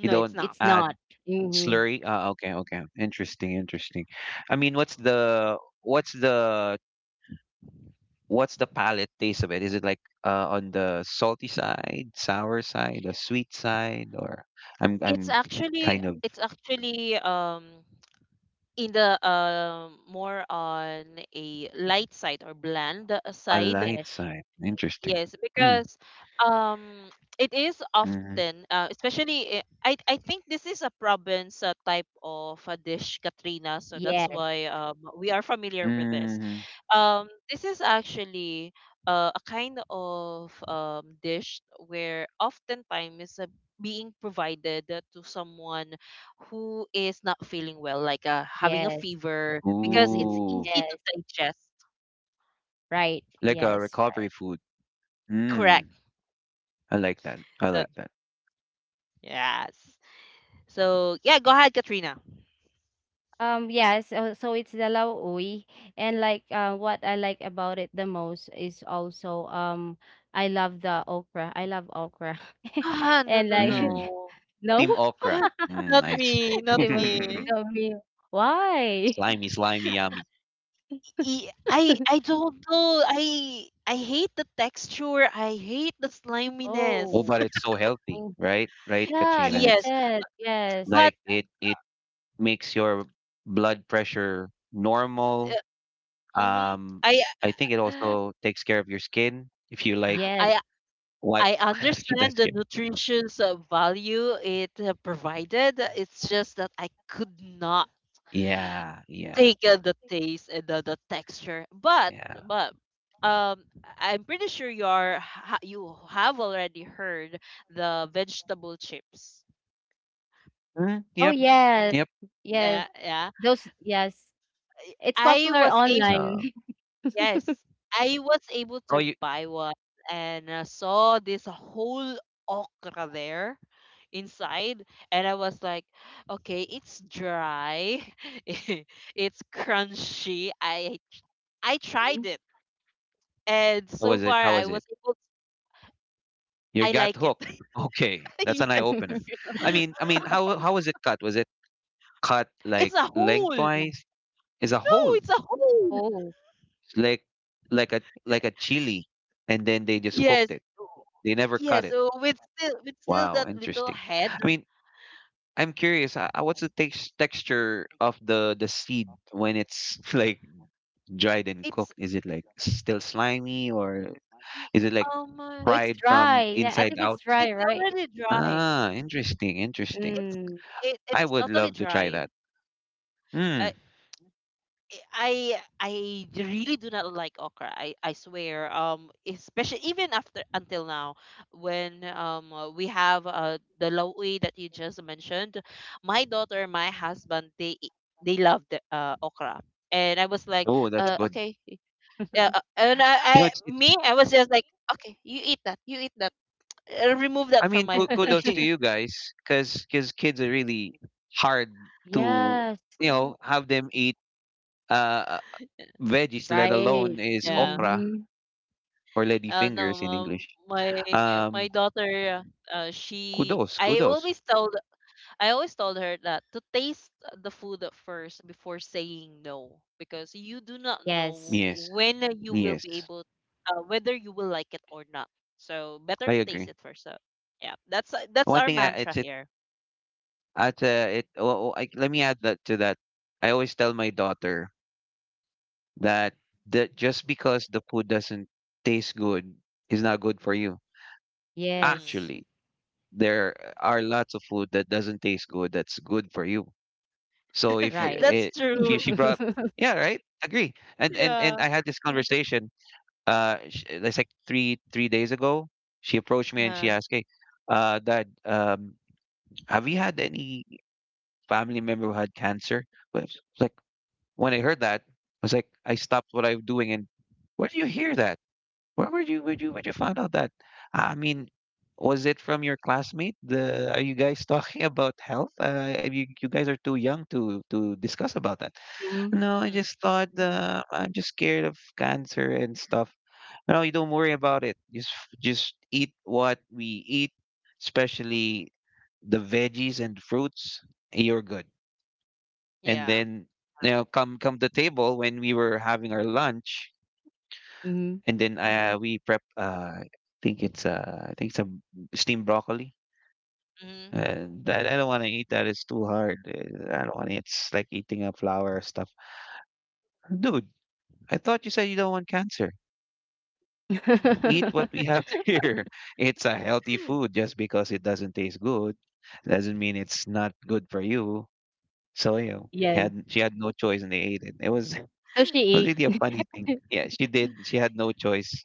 B: You
A: it's
B: don't
A: not.
C: It's
B: add
C: not. Mhm.
B: slurry? Okay, okay. Interesting, interesting. I mean, what's the what's the palate taste of it? Is it like on the salty side, sour side, the sweet side, or
A: It's
B: I'm
A: actually
B: kind of
A: it's actually in the more on a light side or bland
B: a
A: side.
B: light
C: Yes.
B: side. Interesting.
A: Yes,
B: Mm,
A: because um it is
B: mm,
A: often, especially I think this is a province type of a dish, Katrina, so that's
C: Yes.
A: why we are familiar with this.
B: mm.
A: This is actually a kind of dish where oftentimes is being provided to someone who is not feeling well, like having a
C: Yes.
A: fever, because
C: Mm-mm.
A: it's
B: Ooh,
A: easy to
C: Yes.
A: digest.
C: Right.
B: like a
C: Yes. Right.
B: recovery food. Mm,
A: Correct.
B: I like that. I
A: So
B: like that.
A: yes. So yeah, go ahead, Katrina.
C: Yeah. So, so it's the Lauoy, and like what I like about it the most is also I love the okra. I love okra,
A: Ah, no,
C: and
A: no,
C: like
A: no.
B: Mm, team
C: no,
B: okra. Mm,
A: Not
B: nice.
A: me, not
C: Timog,
A: me.
C: no me. Why?
B: Slimy, slimy, yummy.
A: I don't know. I hate the texture. I hate the
B: Oh,
A: sliminess.
B: but
C: Oh,
B: it's so healthy,
C: oh,
B: right? Right,
C: yeah,
B: Katrina?
C: they
A: Yes,
B: It's
C: said yes,
A: but
B: like it makes your blood pressure normal.
A: uh, mhm,
B: Um,
A: I
B: I think it also takes care of your skin if you like
C: yes.
A: I
B: what
A: I
B: the
A: understand the
B: skin.
A: nutritious value it provided. It's just that I could not
B: Yeah, yeah,
A: take the taste and the texture, but
B: yeah.
A: but I'm pretty sure you have already heard the vegetable chips.
B: Mm,
C: Oh
B: yep,
C: yes,
B: yep.
C: yes.
A: Yeah, yeah,
C: Those yes. It's
A: I
C: popular
A: was able.
C: online.
B: No.
A: Yes, I was able
B: Oh,
A: to
B: you.
A: buy one and saw this whole okra there inside, and I was like, okay, it's dry, it's crunchy, I tried
C: Mm.
A: it, and
B: How
A: so
B: was it?
A: far
B: How
A: I
B: was it?
A: was able.
B: You
A: I
B: got
A: like it.
B: hooked. Okay, that's an eye
A: Yeah,
B: opener. How was it cut? Was it cut
A: it's
B: like
A: a hole.
B: lengthwise? Is a
A: No,
B: hole.
A: it's a hole.
C: Oh.
B: It's like like a chili, and then they just cooked
A: Yes.
B: it. They never cut
A: Yes,
B: it.
A: so with still,
B: Wow,
A: that little
B: interesting.
A: head,
B: I mean, I'm curious. What's the tex texture of the seed when it's like dried and
A: it's
B: cooked? Is it like still slimy, or
A: n-
B: is it like
A: um uh,
C: No, it's
B: fried
C: dry.
B: from
C: Yeah, I
B: inside
C: think it's
B: out?
A: it's
C: dry, right?
A: already dry.
B: Ah, interesting, interesting.
A: It's
C: Mm.
A: it,
B: I
A: it's
B: would
A: totally
B: love to try
A: dry.
B: that.
A: Uh,
B: Hmm.
A: I really do not like okra. I swear. Especially even after until now, when we have the lowi that you just mentioned, my daughter, my husband, they love the okra, and I was like,
B: Oh, that's
C: Yeah.
B: good.
A: okay, yeah, and
B: You know, it's
A: I was just like, okay, you eat that, remove that
B: I
A: from
B: mean,
A: my
B: kudos to
A: plate.
B: you guys, because kids are really hard to
C: Yes,
B: you know have them eat uh veggies, let
C: right.
B: alone is
A: Yeah.
B: okra
C: Mm-hmm.
B: or
A: No,
B: ladyfingers in English.
A: my
B: Um,
A: my daughter, she.
B: kudos, kudos.
A: I always told her that to taste the food at first before saying no, because you do not
C: Yes.
A: know
B: Yes,
A: when you will be
B: yes,
A: able, whether you will like it or not. So better
B: I
A: to taste
B: agree.
A: it first. So yeah, that's
B: One
A: our
B: thing, I,
A: mantra
B: it's it,
A: here.
B: at it. Oh, oh, I, let me add that to that. I always tell my daughter that that just because the food doesn't taste good is not good for you.
A: Mm.
C: Yes.
B: Actually, there are lots of food that doesn't taste good that's good for you. So if you
C: Right.
A: That's
B: it,
A: true.
B: she brought yeah right agree, and
A: Yeah.
B: I had this conversation it's like three three days ago she approached me and she
A: Yeah.
B: asked, hey, dad, have you had any family member who had cancer? Well, it's like when I heard that I was like, I stopped what I'm doing, and where do you hear that, where would you find out that? I mean, was it from your classmate? The are you guys talking about health? You you guys are too young to discuss about that. No, I
A: Mm.
B: just thought I'm just scared of cancer and stuff. No, you don't worry about it. Just eat what we eat, especially the veggies and fruits, you're good. And
A: Yeah.
B: then you know, come to table when we were having our lunch,
C: Mm-hmm.
B: and then we prep. I think it's I think some steamed broccoli.
A: Hmm.
B: And I don't want to eat that. It's too hard. I don't want it. It's like eating a flower stuff. Dude, I thought you said you don't want cancer. Eat what we have here. It's a healthy food. Just because it doesn't taste good, doesn't mean it's not good for you. So you know, he had
C: Yes.
B: she had no choice and they ate it. It was
C: So
B: was
C: she
B: really a funny thing.
C: ate.
B: Yeah, she did. She had no choice.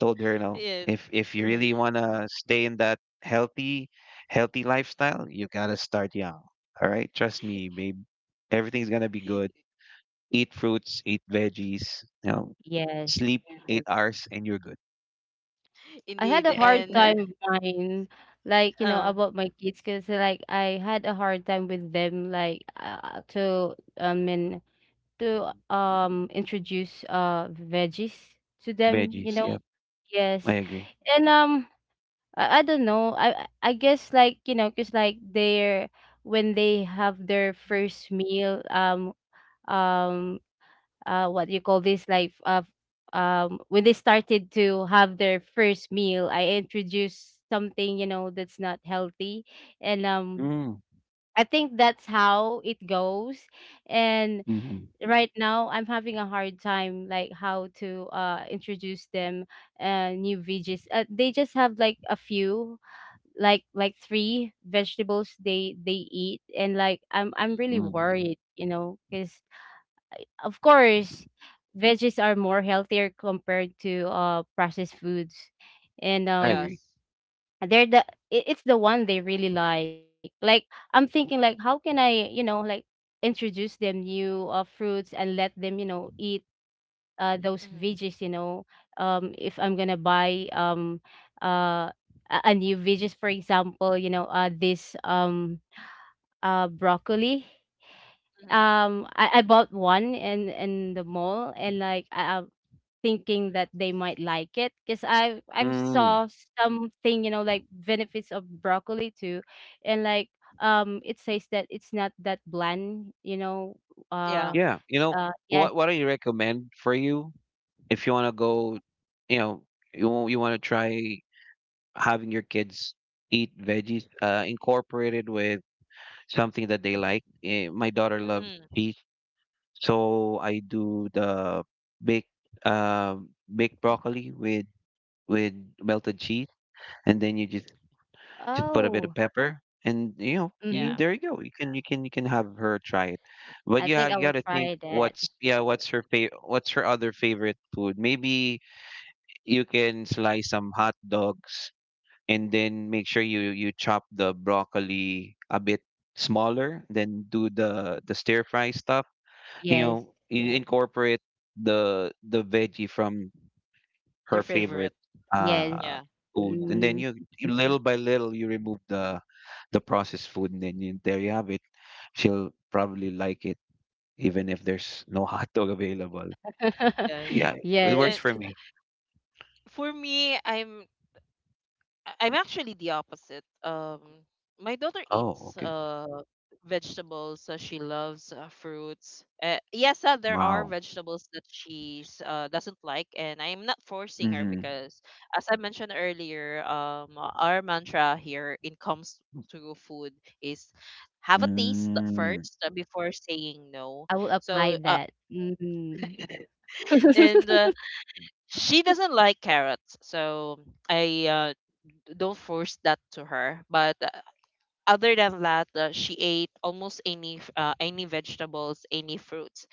B: Told her, you know,
A: Yes.
B: if you really wanna stay in that healthy, healthy lifestyle, you gotta start young. All right, trust me, babe. Everything's gonna be good. Eat fruits, eat veggies, you know,
C: Yes.
B: sleep 8 hours, and you're good.
C: I had
A: Indeed.
C: a
B: Yeah,
C: hard
A: And
C: time buying, like,
A: uh,
C: about my kids, cause like, I had a hard time with them, like, and to, introduce, veggies to them,
B: veggies.
A: mhm.
B: Yep, I
C: Yes.
B: agree.
C: And, I don't know. I guess, cause like they're when they have their first meal, um, what do you call this? Like when they started to have their first meal, I introduced something that's not healthy, and
B: Mm,
C: I think that's how it goes, and
B: mm-hmm,
C: right now I'm having a hard time like how to introduce them new veggies. They just have like a few like three vegetables they eat, and like I'm
A: Mhm.
C: really
B: mm,
C: worried because of course veggies are more healthier compared to processed foods, and
B: I agree.
A: Yes.
C: they're the it's the one they really like. Like I'm thinking, like, how can I like introduce them new fruits and let them eat those
A: Mm-hmm.
C: veggies. If I'm gonna buy uh, a new veggies, for example, this broccoli.
A: Mm-hmm.
C: I bought one in the mall, and like I'm thinking that they might like it because I've
B: Mm,
C: saw something, like benefits of broccoli too, and like, it says that it's not that bland.
A: Yeah.
C: Uh,
B: yeah, you know,
C: yes.
B: what do you recommend for you if you wanna go, you know, you wanna try having your kids eat veggies incorporated with something that they like. Eh, my daughter loves
A: Mm-hmm.
B: peas, so I do the baked uh, baked broccoli with melted cheese, and then you just put a bit of
C: Oh.
B: pepper, and you know
C: Mm-hmm.
B: you,
A: Yeah.
B: there you go. You can you can have her try it, but
C: I
B: yeah,
C: think I
B: you
C: will
B: got to think
C: try that.
B: what's yeah what's her favorite what's her other favorite food. Maybe you can slice some hot dogs and then make sure you you chop the broccoli a bit smaller, then do the stir fry stuff you
C: Yes.
B: know you incorporate the veggie from
A: Their
B: her
A: favorite.
B: favorite
C: Yes.
B: uh
A: Yeah.
B: food. Yeah. And then
C: Mm.
B: you little by little you remove the processed food, and then you, there you have it, she'll probably like it even if there's no hot dog available.
A: Yes.
B: Yeah, it
C: Yes.
B: works
A: And
B: for me.
A: for me, I'm actually the opposite. My daughter
B: Oh,
A: eats
B: okay.
A: vegetables. She loves fruits. Yes, there are
B: Wow.
A: vegetables that she's doesn't like, and I'm not forcing her
B: Mm-hmm.
A: because, as I mentioned earlier, our mantra here in comes to food is have a taste
B: Mm.
A: first before saying no.
C: I will apply
A: So
C: that. Mhm.
A: and she doesn't like carrots, so I don't force that to her, but other than that, she ate almost any vegetables, any fruits.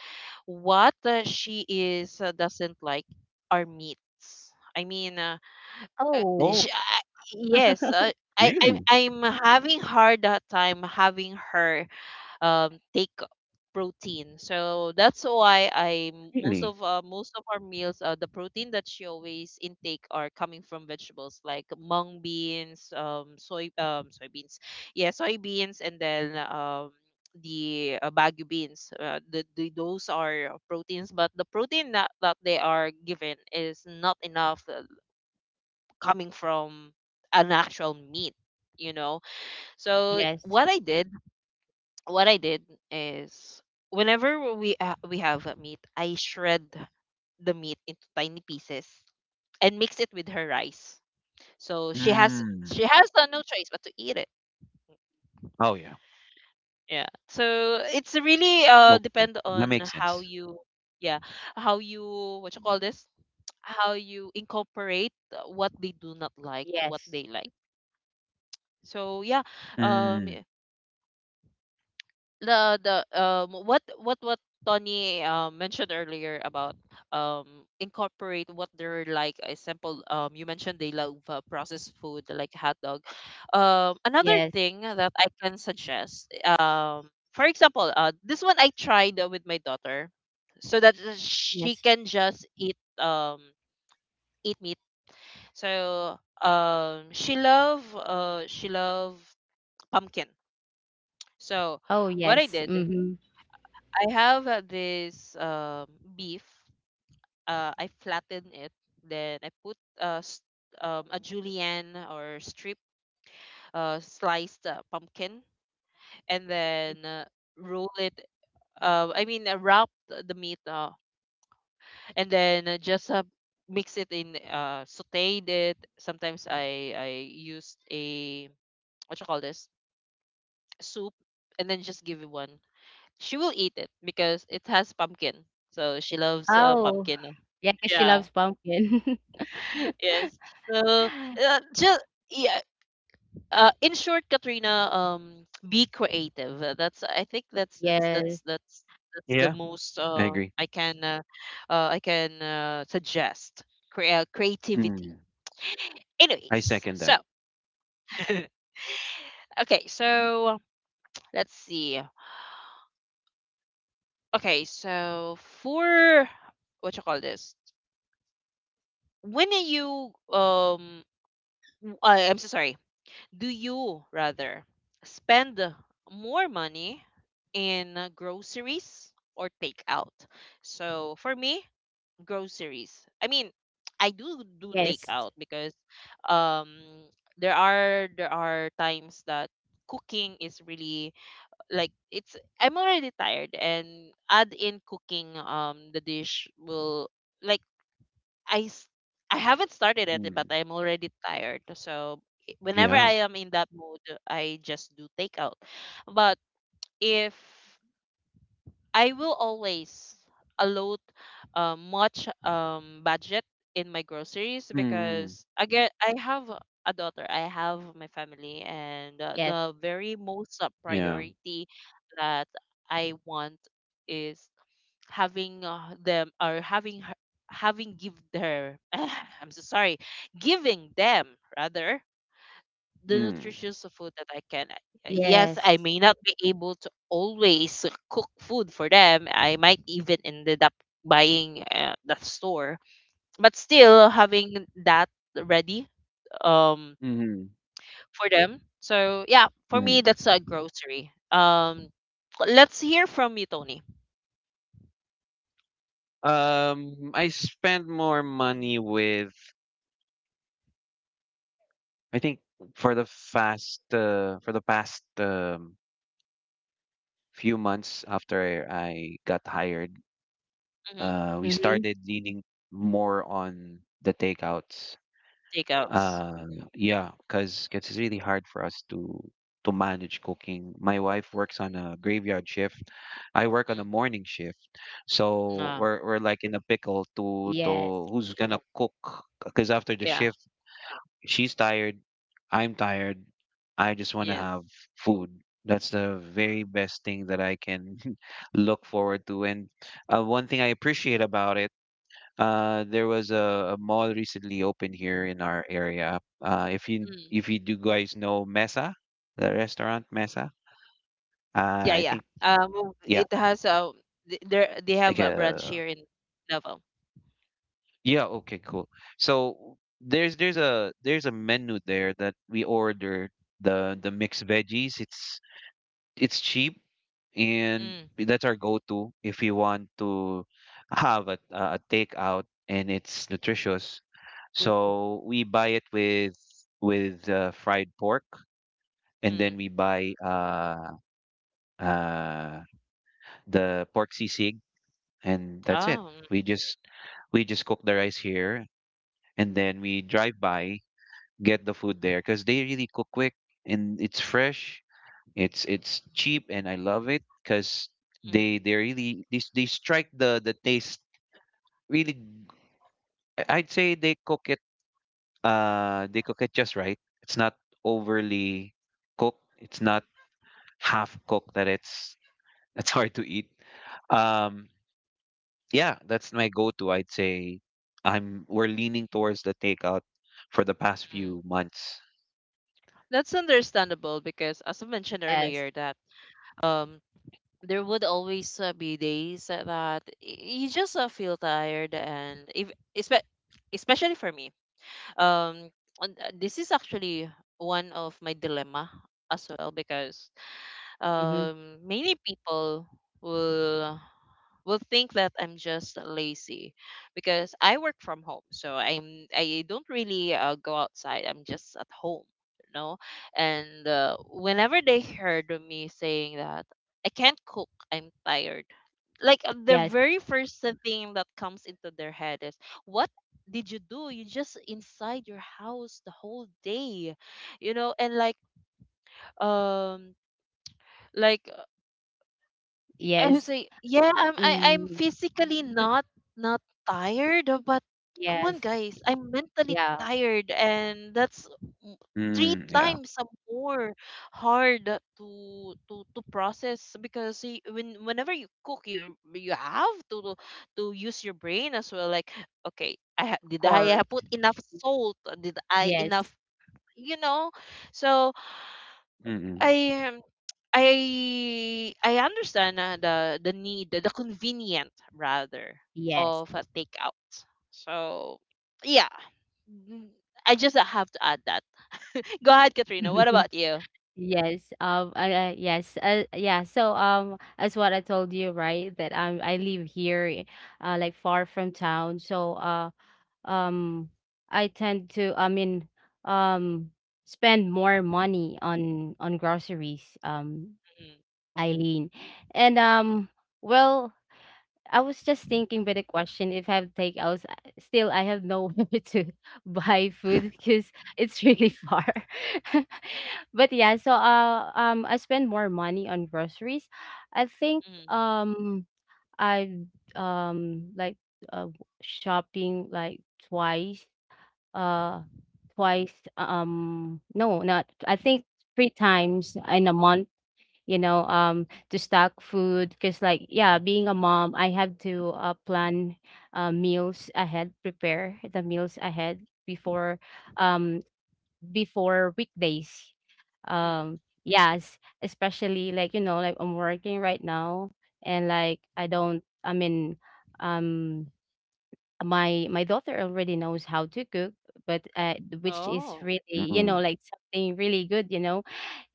A: What she is doesn't like are meats. I mean, uh,
C: Oh.
B: Oh,
A: sh I yes,
B: really?
A: I'm having hard that time having her take protein. So that's why I most
B: Really?
A: of uh, most of our meals, the protein that she always intake are coming from vegetables like mung beans, soybeans, yeah, soybeans, and then the bagu beans. The those are proteins, but the protein that they are given is not enough, coming from an actual meat. You know, so
C: Yes.
A: what I did, what I did is whenever we have a meat, I shred the meat into tiny pieces and mix it with her rice. So she has she
B: Mm.
A: has no choice but to eat it.
B: Oh, yeah.
A: Yeah. So it's really
B: Okay.
A: depend
B: That
A: on
B: makes
A: how
B: sense.
A: you yeah, how you what you call this how you incorporate what they do not like to what
C: Yes.
A: they like. So yeah, um,
B: Mm.
A: the what Tony mentioned earlier about incorporate what they're like. Example, you mentioned they love processed food like hot dog. Another
C: Yes.
A: thing that I can suggest, um for example, this one I tried, with my daughter, so that she
C: Yes.
A: can just eat meat. So she love pumpkin. So
C: Oh,
A: what I
C: yes.
A: did,
C: Mhm.
A: I have this beef. I flatten it. Then I put a julienne or strip, sliced pumpkin, and then roll it. I mean, wrap the meat, and then just mix it in, sauteed it. Sometimes I used a, what you call this, soup, and then just give it one. She will eat it because it has pumpkin, so she loves
C: Oh.
A: pumpkin.
C: Yeah, 'cause she
A: Yeah.
C: loves pumpkin.
A: Yes. So, just yeah. In short, Katrina, be creative. That's I think that's that's
C: Yes.
A: that's that's that's the
B: Yeah,
A: most
B: I agree.
A: I can suggest. Creativity.
B: Mm. I
A: Anyways,
B: second
A: so
B: that.
A: okay, so let's see. Okay, so for, what you call this? When are you I'm so sorry. Do you rather spend more money in groceries or takeout? So for me, groceries. I mean, I do do
C: Yes.
A: takeout because um there are times that cooking is really, like, it's I'm already tired, and add in cooking, the dish will, like, I s- I haven't started it, but
B: Mm.
A: I'm already tired. So whenever
B: Yeah.
A: I am in that mood, I just do takeout. But if I will always allot much budget in my groceries,
B: Mm.
A: because again I have a daughter, I have my family, and
C: Yes,
A: the very most
B: Yeah.
A: priority that I want is having them, or having her, having give her I'm so sorry, giving them rather the
B: Mm.
A: nutritious food that I can yes, I
C: yes.
A: may not be able to always cook food for them. I might even ended up buying that store, but still having that ready um
B: Hmm.
A: for them. So yeah, for me,
B: Hmm.
A: that's a grocery. Let's hear from you, Tony.
B: I spend more money with, I think for the fast, for the past few months after I got hired,
A: Mm-hmm.
B: we
C: Mhm.
B: started leaning more on the takeouts.
A: Takeouts.
B: Uh, yeah, because it's really hard for us to manage cooking. My wife works on a graveyard shift. I work on a morning shift. So
A: Mm-hmm.
B: we're like in a pickle
C: Yes.
B: to who's gonna cook? Because after the shift, she's tired, I'm tired. I just want to
A: Yes.
B: have food. That's the very best thing that I can look forward to. And one thing I appreciate about it there was a mall recently opened here in our area. If you
A: Mm.
B: if you do guys know Mesa, the restaurant Mesa, uh,
A: Yeah,
B: I
A: yeah.
B: think yeah,
A: It has there they have
B: like
A: a branch
B: a
A: here in Davao.
B: yeah. Okay, cool. So there's a menu there that we order the mixed veggies. It's cheap, and
A: Mm,
B: that's our go-to if you want to have a takeout and it's nutritious.
C: Mhm.
B: So we buy it with fried pork, and
A: mm.
B: then we buy uh, the pork sisig, and that's it.
A: Oh,
B: We just we just cook the rice here, and then we drive by, get the food there, because they really cook quick and it's fresh. It's cheap and I love it because
A: mm, mm.
B: they strike the taste really. I'd say they cook it just right. It's not overly cooked. It's not half cooked that it's that's hard to eat. Um, yeah, that's my go-to. I'd say I'm we're leaning towards the takeout for the past
A: Mm.
B: few months.
A: That's understandable because, as I mentioned
C: Yes.
A: earlier, that um there would always be days that you just feel tired. And if espe- especially for me. Um, this is actually one of my dilemma as well, because
C: Mhm.
A: many people will. will think that I'm just lazy, because I work from home, so I don't really go outside. I'm just at home, you know. And whenever they heard of me saying that I can't cook, I'm tired. Like the
C: Yes,
A: very first thing that comes into their head is, "What did you do? You just inside your house the whole day, you know?" And um like I was
C: yes.
A: like, yeah, I'm
C: Mm,
A: physically not tired, but come on,
C: yes.
A: guys, I'm mentally
C: Yeah, of
A: tired, and that's m- three
B: Mm, yeah.
A: times more hard to process, because whenever you cook, you have to use your brain as well. Like, okay, did I
C: course.
A: put enough salt? Did I enough?
C: Yes.
A: You know, so
B: Mm-mm,
A: I I understand the need, the convenient rather
C: Yes.
A: of a takeout. So yeah, Mm, I just have to add that. Go ahead, Katrina. What about you?
C: Yes, yes, yeah. So, as what I told you, right, that I live here, like far from town. So, um, I tend to, I mean, um, spend more money on groceries.
A: Mm,
C: Eileen. And, well, I was just thinking by the question if I have takeouts. Still, I have nowhere to buy food because it's really far. But yeah, so I spend more money on groceries. I think,
A: mm,
C: I like uh shopping like twice uh twice, no, not, I think, three times in a month, to stock food, because, like, yeah, being a mom, I have to plan meals ahead, prepare the meals ahead before um before weekdays.
A: mm.
C: Yes, especially, like, like I'm working right now, and like I don't, I mean, um my daughter already knows how to cook, but which is
A: Oh,
C: really,
B: mm-mm.
C: like something really good,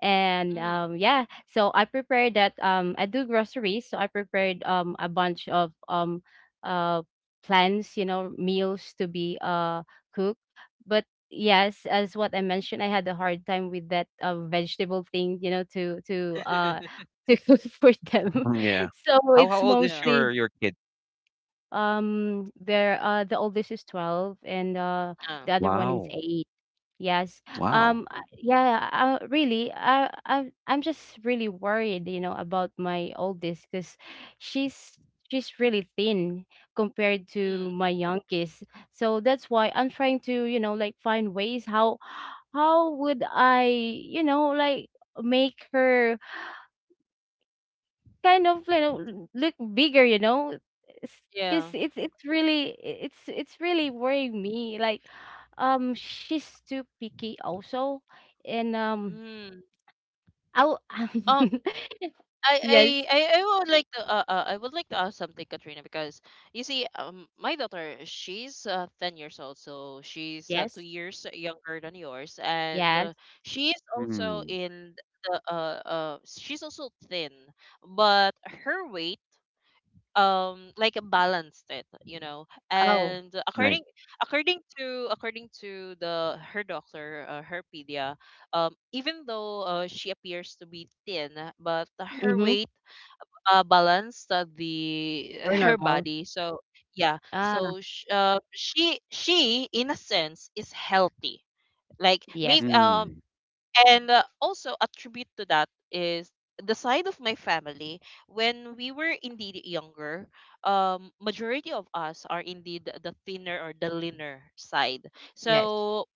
C: and
A: mm,
C: yeah, so I prepared that, I do groceries, so I prepared, a bunch of, uh plans, meals to be cooked, but yes, as what I mentioned, I had a hard time with that vegetable thing, to to cook for them.
B: Yeah.
C: So
B: How
C: it's
B: old is
A: yeah,
C: mostly,
B: your kid?
C: there, the oldest is 12, and
A: uh,
C: the other one is
B: Wow.
C: 8. Yes.
B: Wow.
C: Yeah, really, I'm just really worried, about my oldest, cuz she's she's really thin compared
A: mm,
C: to my youngest. So that's why I'm trying to, like find ways how would I, like make her kind of, look bigger, because
A: yeah.
C: it's really, it's really worrying me, like, she's too picky also, and
A: Mm.
C: I'll
A: I
C: yes,
A: I I I would like to I would like to ask something, Katrina, because you see, my daughter, she's 10 years old, so she's two
C: yes,
A: years younger than yours, and
C: yes.
A: she is also
B: Mm.
A: in the she's also thin, but her weight balanced it,
C: Oh.
A: and
B: Nice.
A: according to the her doctor, her pedia, even though she appears to be thin, but her
C: Mm-hmm.
A: weight balance the
C: Or
A: her
C: normal.
A: body. So yeah,
C: Ah.
A: so she in a sense is healthy. Like
C: Yes,
A: maybe
B: Mm.
A: and also attribute to that is the side of my family when we were indeed younger. Majority of us are indeed the thinner or the leaner side,
C: yes.
A: so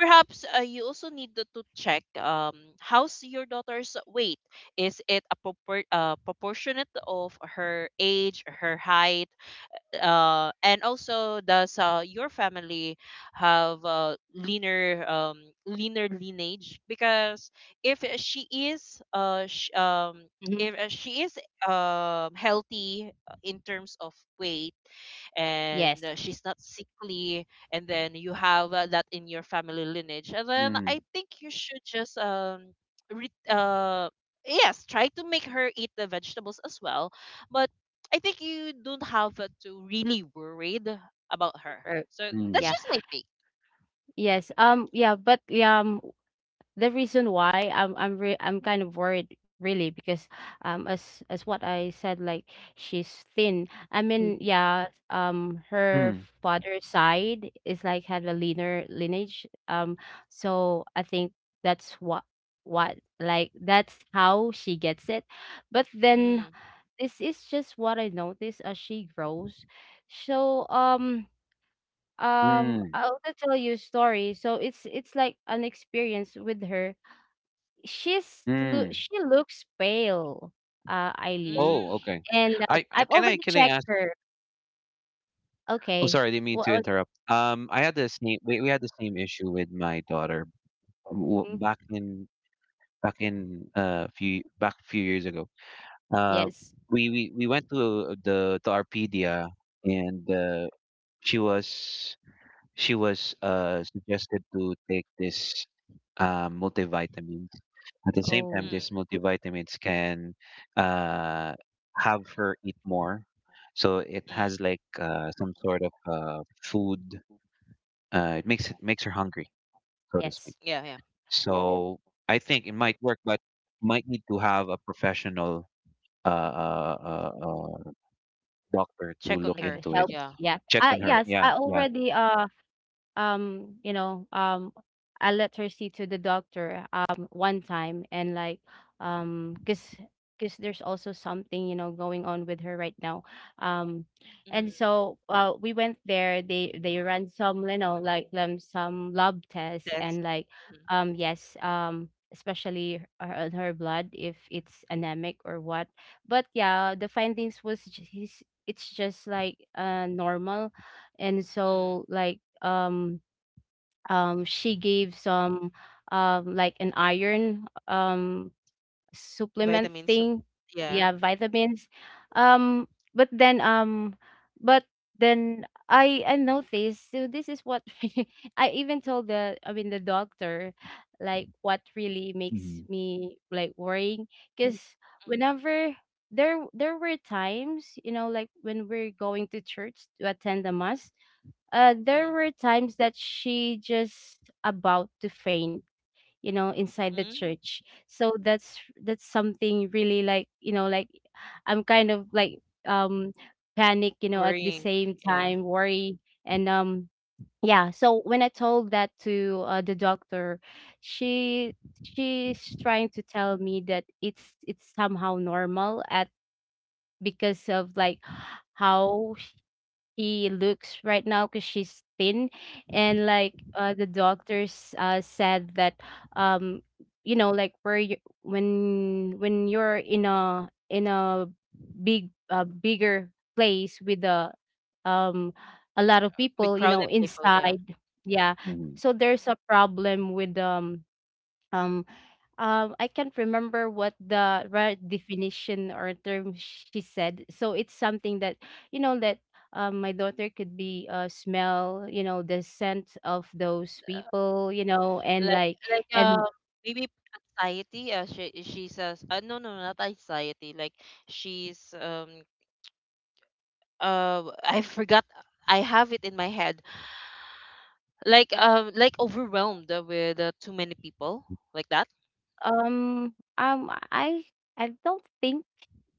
A: perhaps you also need to check, how's your daughter's weight? Is it a proportionate of her age, her height, and also does your family have a leaner lineage? Because if
C: Mm-hmm.
A: if she is healthy, in terms of weight, and
C: Yes.
A: she's not sickly, and then you have that in your family lineage, and then
B: Mm.
A: I think you should just re- uh yes, try to make her eat the vegetables as well, but I think you don't have to really worried about her.
C: Or
A: So that's
C: yeah.
B: Mm.
A: just my take.
C: Yes. Yeah, but yeah, the reason why I'm kind of worried really because, as what I said, like, she's thin. I
B: Mm.
C: mean, yeah, her
B: Mm.
C: father's side is like had a leaner lineage. So I think that's what like, that's how she gets it. But then,
A: Mm,
C: this is just what I notice as she grows. So,
B: Mm.
C: I'll tell you a story. So it's like an experience with her.
B: Mm.
C: She looks pale, Eileen,
B: Oh,
A: mm,
B: okay.
C: and, I've
B: I
C: already
B: can I
C: checked
B: ask?
C: her.
B: Oh,
C: Okay.
B: sorry, I didn't mean
C: What
B: to
C: was it?
B: interrupt. I had the same we had the same issue with my daughter
C: Mm,
B: back in back in few back few years ago. Uh,
C: yes.
B: we went to the to Arpedia, and she was she was suggested to take this multivitamin. At the same time,
C: Oh,
A: mm,
B: these multivitamins can uh, have her eat more. So it has
A: mm.
B: like some sort of food. It makes her hungry, so to speak.
C: yes.
A: Yeah, yeah.
B: So I think it might work, but might need to have a professional uh, uh, uh, uh, doctor to
A: Check on
B: look
C: I,
A: her.
B: into it.
C: help.
A: Yeah.
C: Yeah.
B: Check on her.
C: Yes,
B: Yeah,
C: I
B: yeah.
C: already, um you know um a literacy to the doctor, one time, and like, um because because there's also something, going on with her right now, um
A: Mm,
C: and so, we went there, they ran some, like, some lab tests,
A: that's
C: and like,
A: mm,
C: yes, especially on her blood if it's anemic or what. But yeah, the findings was just, it's just like normal. And
A: mm.
C: so like, um she gave some, like an iron, supplement
A: Vitamins.
C: thing.
A: Yeah.
C: Yeah, vitamins. um but then um but then I noticed, so this is what I even told the, I mean, the doctor, like, what really makes
B: Hmm.
C: me like worrying, because
A: Mm,
C: whenever, there were times, like, when we're going to church to attend the mass, there
A: mm,
C: were times that she just about to faint, inside the
A: mm.
C: church. So that's, something really, like, like I'm kind of like, um panic, at the
A: Worrying.
C: same
A: Yeah.
C: time worry. And yeah, so when I told that to the doctor, she she's trying to tell me that it's somehow normal at, because of like how she looks right now because she's thin, and like, the doctors, said that, um like, where you when, you're in a, in a big, bigger place with a, um a lot of
A: With
C: people,
A: crowded people. Yeah.
C: inside. Yeah, so
B: Hmm.
C: there's a problem with, um, I can't remember what the right definition or term she said. So it's something that, that, my daughter could be, smell, the scent of those
A: Uh,
C: people, and
A: like
C: like,
A: like
C: and
A: um maybe anxiety. She says. No, not anxiety. Like she's I forgot. I have it in my head, like overwhelmed with too many people, like that.
C: um um I I don't think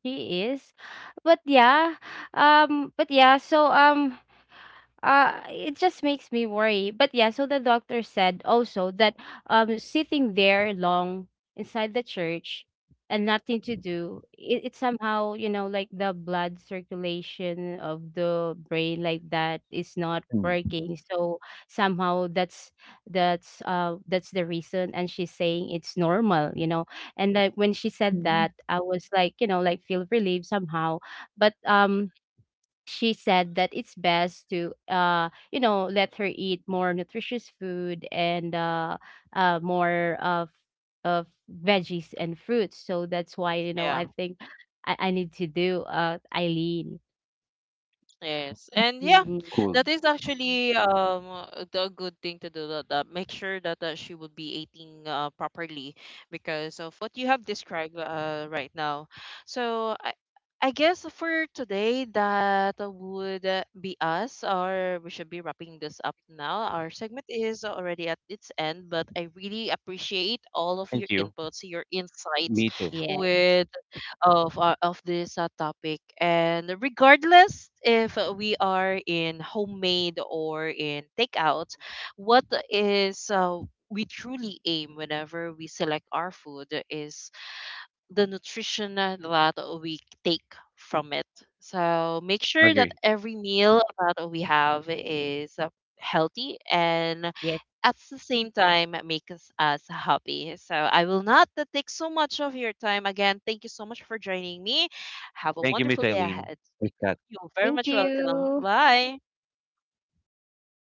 C: he is. But yeah, but yeah, so, it just makes me worry. But yeah, so the doctor said also that, sitting there long inside the church and nothing to do, it somehow, like the blood circulation of the brain like that is not
B: Mm.
C: working. So somehow that's the reason, and she's saying it's normal. And like when she said that, I was like, like feel relieved somehow. But, she said that it's best to, let her eat more nutritious food, and more of veggies and fruits. So that's why,
A: Yeah.
C: I think I need to do, Eileen.
A: Yes, and yeah,
C: Mhm.
B: Cool.
A: that is actually the good thing to do. That, make sure that she would be eating properly, because of what you have described right now. So I guess for today that would be us, or we should be wrapping this up now. Our segment is already at its end, but I really appreciate all of your
B: Thank you.
A: inputs, your insights,
B: Me too.
C: Yes,
A: with of this topic, and regardless if we are in homemade or in takeout, what is we truly aim whenever we select our food is the nutrition that we take from it. So make sure that
B: Agree.
A: every meal that we have is healthy and
C: yes.
A: at the same time makes us happy. So I will not take so much of your time. Again, thank you so much for joining me. Have a
B: Thank you, Miss
A: wonderful day
B: Eileen.
A: ahead.
B: Miss Kat.
A: You're very
C: Thank
A: much welcome.
C: you.
A: Bye.
B: Have a good one, guys.